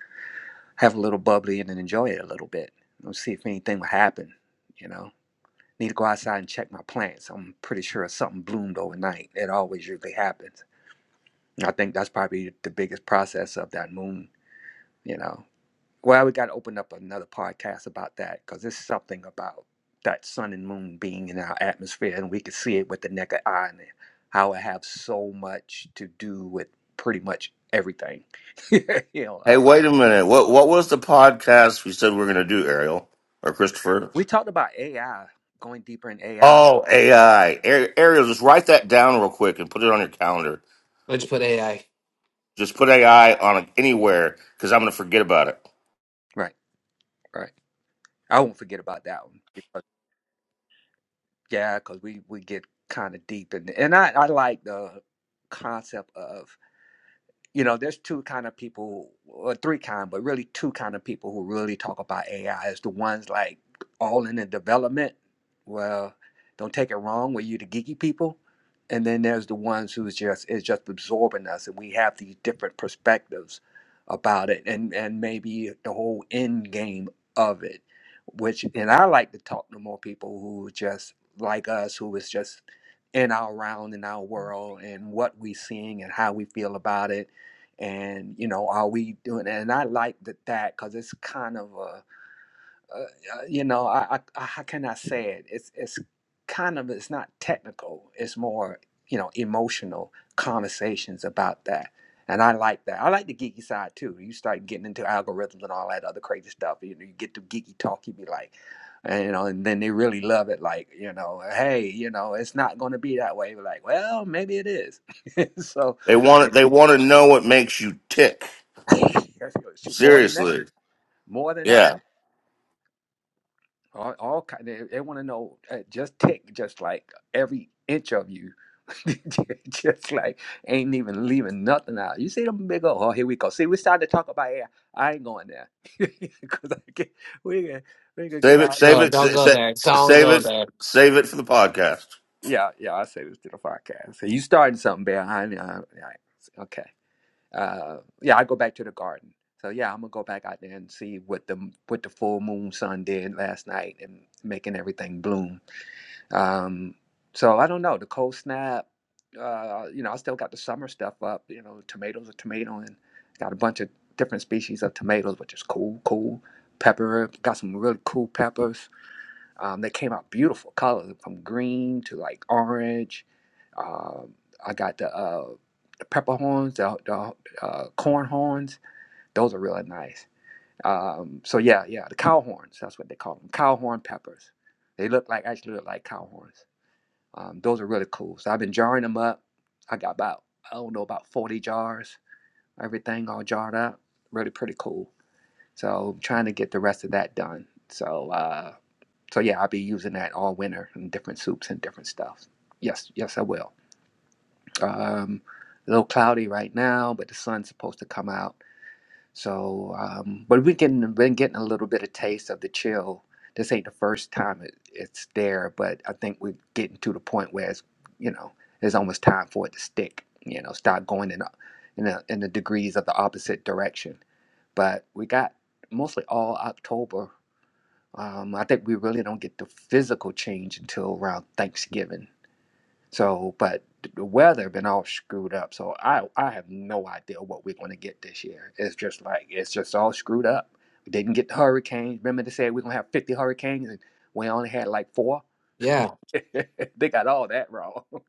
have a little bubbly and then enjoy it a little bit. Let's see if anything will happen. You know, need to go outside and check my plants. I'm pretty sure something bloomed overnight. It always usually happens. And I think that's probably the biggest process of that moon. You know Well, we got to open up another podcast about that because there's something about that sun and moon being in our atmosphere, and we can see it with the naked eye, and how it have so much to do with pretty much everything. you know,
Hey,
or-
wait a minute. What what was the podcast we said we were going to do, Ariel or Christopher?
we talked about AI going deeper in AI.
Oh, AI. Ar- Ariel, just write that down real quick and put it on your calendar.
Let's put AI.
Just put AI on it anywhere because I'm going to forget about it.
Right, right. I won't forget about that one because yeah, because we we get kind of deep in, and I I like the concept of. you know there's two kind of people or three kind but really two kind of people who really talk about ai is the ones like all in the development well don't take it wrong were you the geeky people and then there's the ones who's just is just absorbing us and we have these different perspectives about it and and maybe the whole end game of it which and i like to talk to more people who just like us who is just in our round in our world and what we're seeing and how we feel about it and you know are we doing that? and i like that that because it's kind of a, uh uh, you know I, I I- how can i say it it's it's kind of it's not technical it's more you know emotional conversations about that and i like that i like the geeky side too you start getting into algorithms and all that other crazy stuff you know you get to geeky talk you be like and, you know and then they really love it like you know hey you know it's not going to be that way We're like well maybe it is so
They want it. They want to know what makes you tick.
more than that
Seriously.
more than that.
Yeah.
All, all kind they, they want to know uh, just tick, just like every inch of you, just like ain't even leaving nothing out. You see them big old. Oh, here we go. See, we started to talk about air. I ain't going there because I get we gonna, we gonna get
Save it.
all.
Save
No,
it.
don't
sa-
go there.
sa-
Don't
Save
go
it.
there.
Save it for the podcast.
Yeah, yeah. I say this to the podcast. So you starting something behind? Uh, yeah, okay. Uh, yeah, I go back to the garden. So yeah, I'm gonna go back out there and see what the what the full moon sun did last night and making everything bloom Um, so I don't know. The cold snap, uh, you know, I still got the summer stuff up. You know, tomatoes are tomato, and got a bunch of different species of tomatoes, which is cool, cool. Pepper, got some really cool peppers. Um, they came out beautiful colors from green to like orange. Um, I got the, uh, the pepper horns, the, the uh, corn horns. Those are really nice. Um, so yeah, yeah, the cow horns. That's what they call them. Cow horn peppers. They look like actually look like cow horns. Um, those are really cool. So I've been jarring them up. I got about, I don't know, about 40 jars, everything all jarred up. Really pretty cool. So I'm trying to get the rest of that done. So, uh, so yeah, I'll be using that all winter in different soups and different stuff. Yes, yes, I will. Um, a little cloudy right now, but the sun's supposed to come out. So, um, but we can been getting a little bit of taste of the chill. This ain't the first time it, it's there, but I think we're getting to the point where it's you know it's almost time for it to stick. You know, start going in a, in a, in the degrees of the opposite direction. But we got mostly all October. Um, I think we really don't get the physical change until around Thanksgiving so, but the weather been all screwed up. So I I have no idea what we're going to get this year. It's just like it's just all screwed up. We didn't get the hurricanes. Remember they said we're gonna have fifty hurricanes, and we only had like four.
Yeah.
they got all that wrong.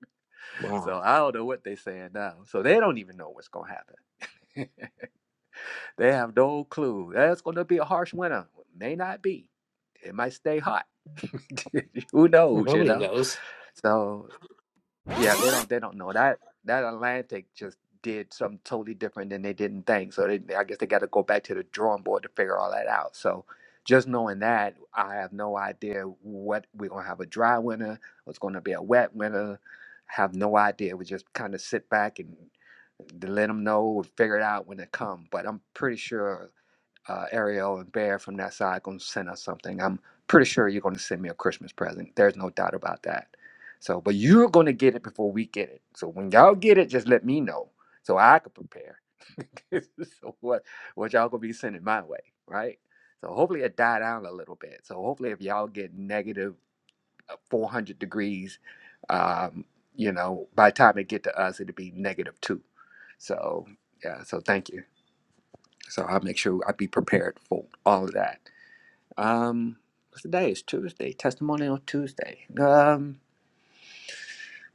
So
Wow.
I don't know what they're saying now. So they don't even know what's gonna happen. They have no clue. That's gonna be a harsh winter. May not be. It might stay hot. Who knows? You
Nobody
know.
knows.
So Yeah, they don't they don't know that that Atlantic just did something totally different than they didn't think. So they, I guess they got to go back to the drawing board to figure all that out. So just knowing that, I have no idea what we're gonna have a dry winter, what's gonna be a wet winter. Have no idea. We just kind of sit back and to let them know, we'll figure it out when it come. But I'm pretty sure uh, Ariel and Bear from that side going to send us something. I'm pretty sure you're going to send me a Christmas present. There's no doubt about that. So, but you're going to get it before we get it. So when y'all get it, just let me know so I can prepare. so what what y'all gonna be sending my way, right? So hopefully it died down a little bit. So hopefully if y'all get negative 400 degrees, um, you know, by the time it get to us, it'll be negative two. So yeah, so thank you. So I'll make sure I be prepared for all of that. Um, what's the day? It's Tuesday. Testimony on Tuesday. Um,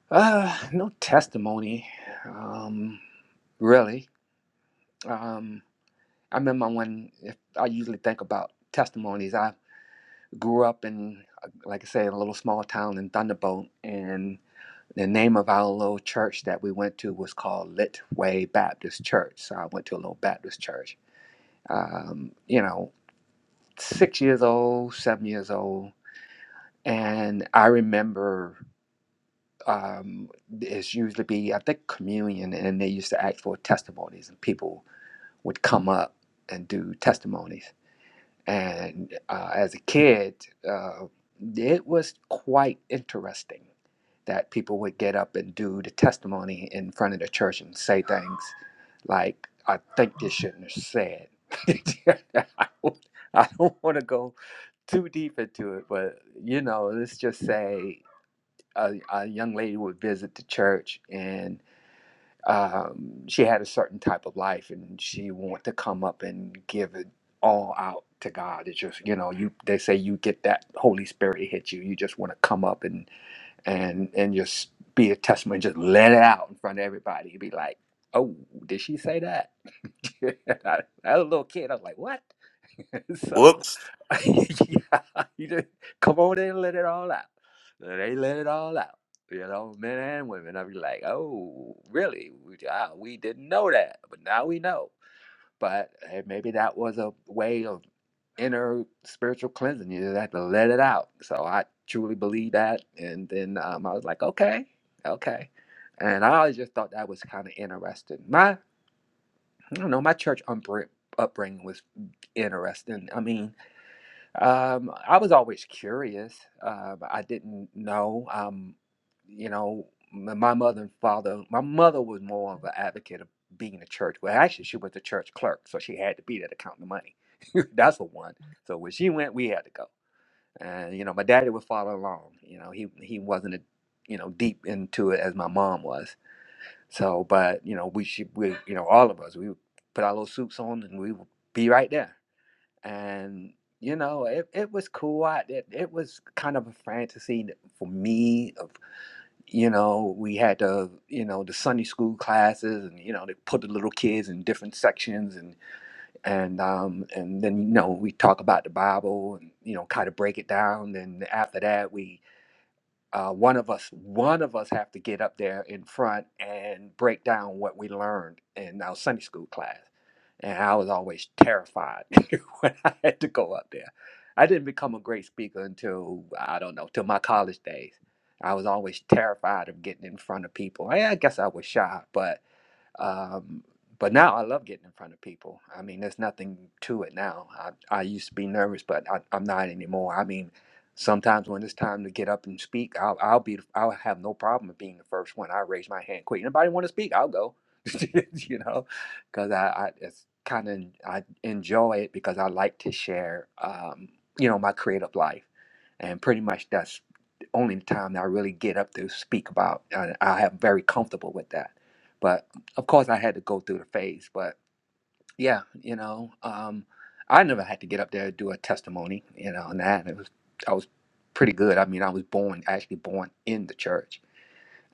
uh, no testimony. Um, really. Um, I remember when if I usually think about testimonies. I grew up in, uh, like I say, a little small town in Thunderbolt, and the name of our little church that we went to was called Litway Baptist Church. So I went to a little Baptist church. Um, you know, six years old, seven years old, and I remember. um, it's usually be I think communion, and they used to ask for testimonies, and people would come up and do testimonies. And uh, as a kid, uh, it was quite interesting that people would get up and do the testimony in front of the church and say things like, "I think they shouldn't have said." I don't I don't want to go too deep into it, but you know, let's just say a, a young lady would visit the church and um, she had a certain type of life and she wanted to come up and give it all out to God. It's just, you know, you they say you get that Holy Spirit hit you. You just want to come up and and and just be a testimony, just let it out in front of everybody. You'd Be like, oh, did she say that? I, as a little kid, I was like, "What?" so,
Whoops.
yeah, you just come on in and let it all out. They let it all out, you know, men and women. I'd be like, "Oh, really? We, ah, we didn't know that, but now we know." But eh, maybe that was a way of inner spiritual cleansing. You just had to let it out. So I truly believe that. And then um, I was like, "Okay, okay." And I always just thought that was kind of interesting. My. I don't know. My church umbr- upbringing was interesting. I mean, um, I was always curious. Um, I didn't know. Um, you know, m- my mother and father. My mother was more of an advocate of being a church. Well, actually, she was a church clerk, so she had to be there to count the money. That's for one. So when she went, we had to go. And you know, my daddy would follow along. You know, he he wasn't a, you know deep into it as my mom was so, but you know, we should, we, you know, all of us, we would put our little suits on and we would be right there. And you know, it, it was cool. I, it, it was kind of a fantasy for me. Of you know, we had the you know the Sunday school classes, and you know they put the little kids in different sections, and and um and then you know we talk about the Bible, and you know kind of break it down. And after that, we uh, one of us one of us have to get up there in front and break down what we learned in our sunday school class and i was always terrified when i had to go up there i didn't become a great speaker until i don't know till my college days i was always terrified of getting in front of people i, I guess i was shy but um, but now I love getting in front of people. I mean, there's nothing to it now. I, I used to be nervous, but I, I'm not anymore. I mean, sometimes when it's time to get up and speak, I'll, I'll be, I'll have no problem with being the first one. I raise my hand quick. Anybody want to speak? I'll go, you know, because I, I it's kind of, I enjoy it because I like to share, um, you know, my creative life. And pretty much that's the only time that I really get up to speak about. And I am very comfortable with that. But of course I had to go through the phase, but yeah, you know, um, I never had to get up there and do a testimony, you know, and that it was I was pretty good. I mean, I was born actually born in the church,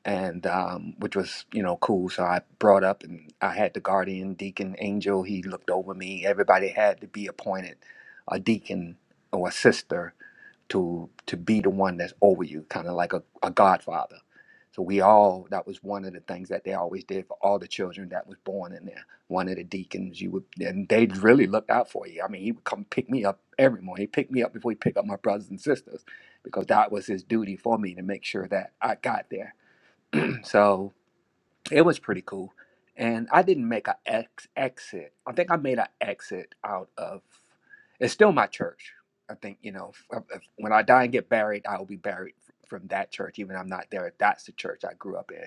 and um, which was you know cool. So I brought up, and I had the guardian deacon angel. He looked over me. Everybody had to be appointed a deacon or a sister to to be the one that's over you, kind of like a, a godfather. So we all that was one of the things that they always did for all the children that was born in there. One of the deacons, you would and they really looked out for you. I mean, he would come pick me up every morning. He picked me up before he picked up my brothers and sisters because that was his duty for me to make sure that I got there. So it was pretty cool. And I didn't make an ex- exit. I think I made an exit out of. It's still my church. I think you know if, if, when I die and get buried, I will be buried f- from that church. Even if I'm not there. That's the church I grew up in,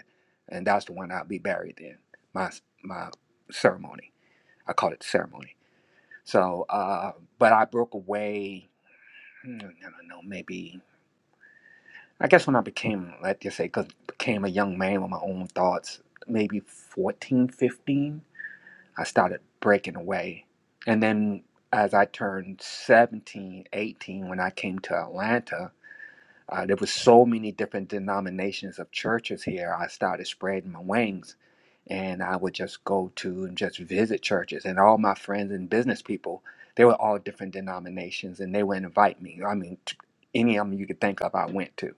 and that's the one I'll be buried in. My s- my ceremony. I call it ceremony. So, uh, but I broke away. hmm, I don't know. Maybe I guess when I became, let's just say, 'cause became a young man with my own thoughts. Maybe 14, fifteen. I started breaking away. And then as I turned 17, 18, when I came to Atlanta, uh, there was so many different denominations of churches here. I started spreading my wings and I would just go to and just visit churches. And all my friends and business people, they were all different denominations and they would invite me. I mean, t- any of them you could think of, I went to.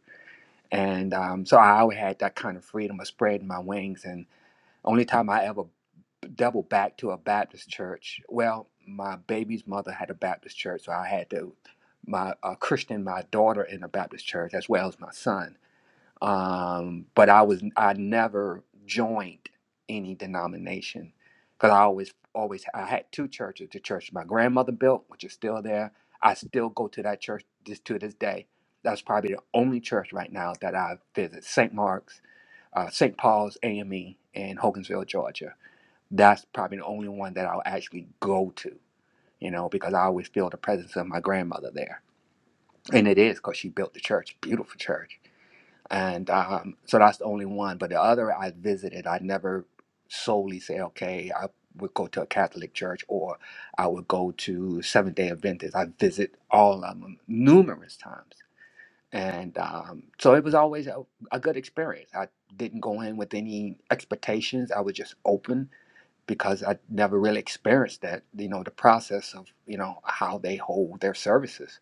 And um, so I always had that kind of freedom of spreading my wings. And only time I ever double back to a Baptist church. Well, my baby's mother had a Baptist church, so I had to my uh, Christian my daughter in a Baptist church as well as my son. Um, but I was I never joined any denomination because I always always I had two churches: the church my grandmother built, which is still there. I still go to that church just to this day. That's probably the only church right now that I visit: St. Mark's, uh, St. Paul's AME in Hogansville, Georgia that's probably the only one that I'll actually go to, you know, because I always feel the presence of my grandmother there. And it is because she built the church, beautiful church. And um, so that's the only one. But the other I visited, I never solely say, okay, I would go to a Catholic church or I would go to Seventh day Adventist. I visit all of them numerous times. And um, so it was always a, a good experience. I didn't go in with any expectations, I was just open because I never really experienced that, you know, the process of, you know, how they hold their services.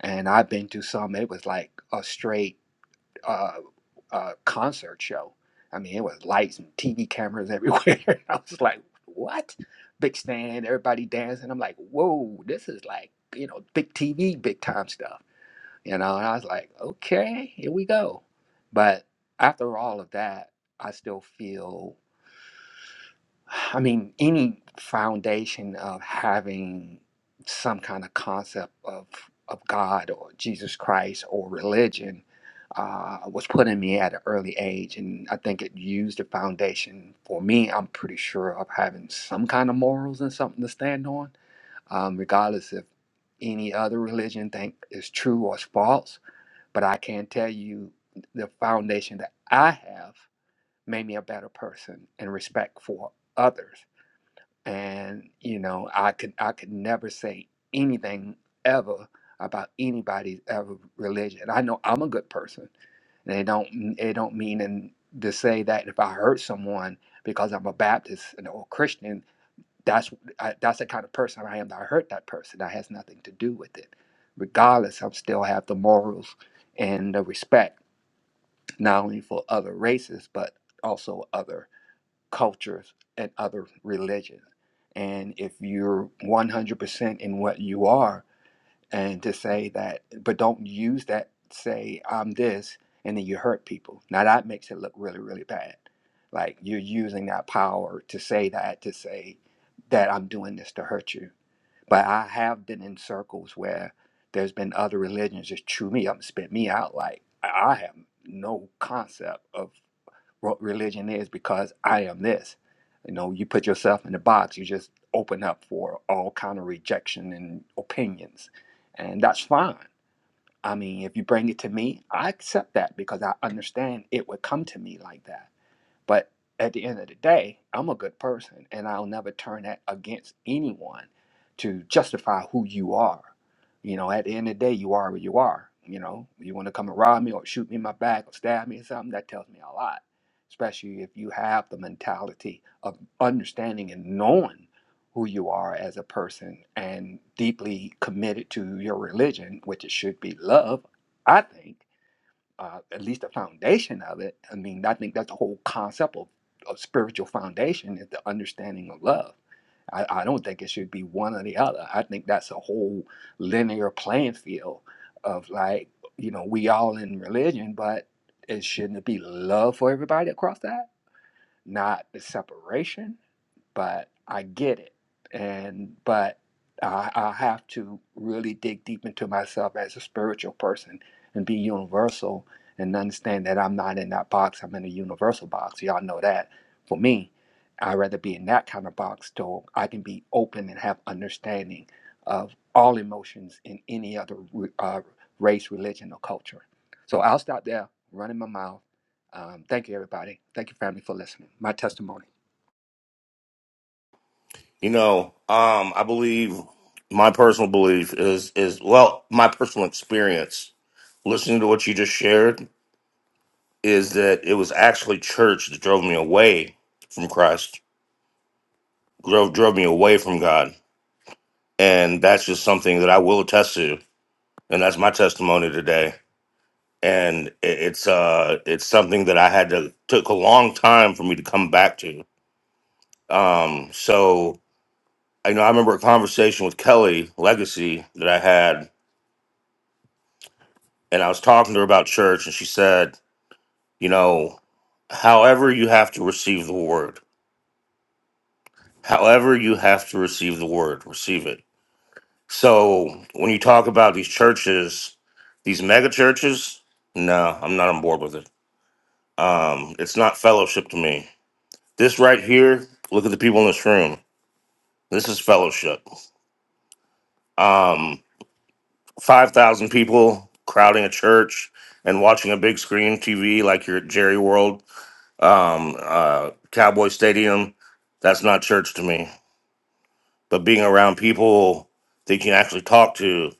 And I've been to some, it was like a straight uh, uh, concert show. I mean, it was lights and TV cameras everywhere. I was like, what? Big stand, everybody dancing. I'm like, whoa, this is like, you know, big TV, big time stuff. You know, and I was like, okay, here we go. But after all of that, I still feel. I mean, any foundation of having some kind of concept of of God or Jesus Christ or religion uh, was put in me at an early age, and I think it used the foundation for me. I'm pretty sure of having some kind of morals and something to stand on, um, regardless if any other religion think is true or is false. But I can tell you, the foundation that I have made me a better person and respect for others and you know i could i could never say anything ever about anybody's ever religion i know i'm a good person and it don't it don't mean in, to say that if i hurt someone because i'm a baptist and or christian that's I, that's the kind of person i am that i hurt that person that has nothing to do with it regardless i still have the morals and the respect not only for other races but also other cultures and other religions. And if you're 100% in what you are, and to say that, but don't use that, say, I'm this, and then you hurt people. Now that makes it look really, really bad. Like you're using that power to say that, to say that I'm doing this to hurt you. But I have been in circles where there's been other religions just chew me up and spit me out. Like I have no concept of what religion is because I am this. You know, you put yourself in a box, you just open up for all kind of rejection and opinions. And that's fine. I mean, if you bring it to me, I accept that because I understand it would come to me like that but at the end of the day, I'm a good person and I'll never turn that against anyone to justify who you are. You know, at the end of the day, you are what you are. You know, you want to come and rob me or shoot me in my back or stab me or something, that tells me a lot, especially if you have the mentality of understanding and knowing who you are as a person and deeply committed to your religion, which it should be love, I think uh, at least the foundation of it. I mean, I think that's the whole concept of, of spiritual foundation is the understanding of love. I, I don't think it should be one or the other. I think that's a whole linear playing field of like, you know, we all in religion, but it shouldn't be love for everybody across that, not the separation but I get it. And but I, I have to really dig deep into myself as a spiritual person and be universal and understand that I'm not in that box. I'm in a universal box. Y'all know that. For me, I'd rather be in that kind of box so I can be open and have understanding of all emotions in any other re- uh, race, religion, or culture. So I'll stop there, running my mouth. Um, thank you, everybody. Thank you, family, for listening. My testimony.
You know, um, I believe my personal belief is is well, my personal experience listening to what you just shared is that it was actually church that drove me away from Christ, drove drove me away from God, and that's just something that I will attest to, and that's my testimony today. And i- it's uh, it's something that I had to took a long time for me to come back to. Um, so I know I remember a conversation with Kelly Legacy that I had, and I was talking to her about church, and she said, you know, however you have to receive the word, however you have to receive the word, receive it So when you talk about these churches, these mega churches, no, I'm not on board with it. Um, it's not fellowship to me. This right here, look at the people in this room. This is fellowship. Um, five thousand people crowding a church and watching a big screen TV like you're at Jerry World, um, uh, Cowboy Stadium. That's not church to me. But being around people that you can actually talk to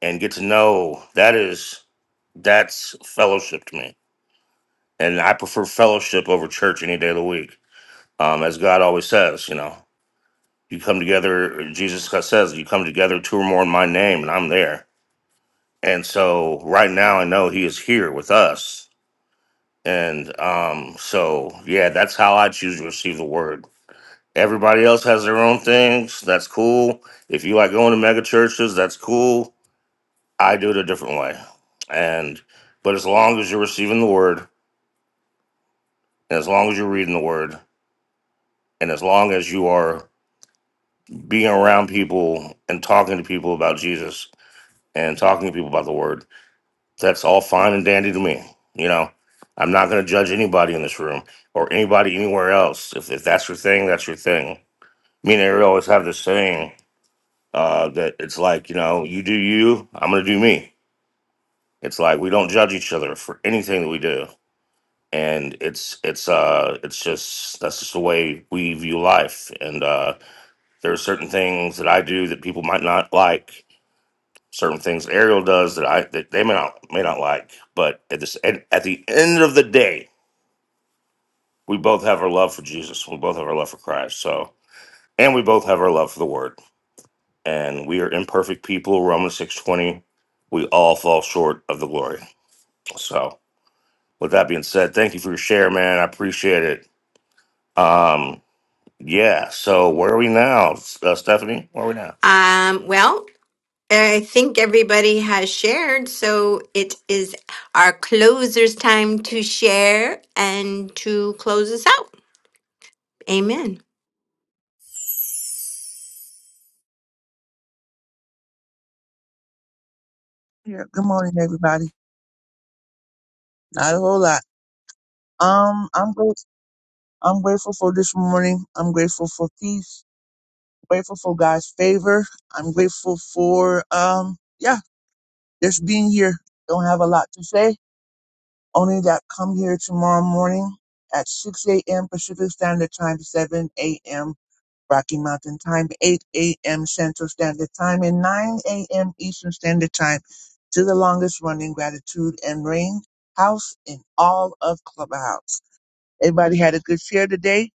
and get to know, that is. That's fellowship to me. And I prefer fellowship over church any day of the week. Um, as God always says, you know, you come together, Jesus says, you come together two or more in my name, and I'm there. And so right now, I know He is here with us. And um, so, yeah, that's how I choose to receive the word. Everybody else has their own things. That's cool. If you like going to mega churches, that's cool. I do it a different way. And, but as long as you're receiving the word, and as long as you're reading the word, And as long as you are being around people and talking to people about Jesus and talking to people about the word, that's all fine and dandy to me. You know, I'm not going to judge anybody in this room or anybody anywhere else. If, if that's your thing, that's your thing. Me and Ariel always have this saying uh, that it's like, you know, you do you, I'm going to do me. It's like we don't judge each other for anything that we do. And it's it's uh it's just that's just the way we view life. And uh There are certain things that I do that people might not like. Certain things Ariel does that I that they may not may not like. But at this and at the end of the day, we both have our love for Jesus. We both have our love for Christ. So and we both have our love for the Word. And we are imperfect people. Romans six twenty. We all fall short of the glory. So with that being said, thank you for your share, man. I appreciate it. Um, yeah. So where are we now, uh, Stephanie? Where are we now?
Um, well, I think everybody has shared, so it is our closer's time to share and to close us out. Amen.
Yeah, good morning, everybody. Not a whole lot. Um, I'm grateful. I'm grateful for this morning. I'm grateful for peace. Grateful for God's favor. I'm grateful for um, yeah, just being here. Don't have a lot to say. Only that come here tomorrow morning at 6 a.m. Pacific Standard Time, 7 a.m. Rocky Mountain Time, 8 a.m. Central Standard Time, and 9 a.m. Eastern Standard Time to the longest running Gratitude and Rain House in all of Clubhouse. Everybody had a good share today.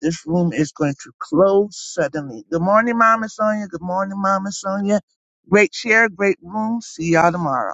This room is going to close suddenly. Good morning, Mama Sonia. Good morning, Mama Sonia. Great share, great room. See y'all tomorrow.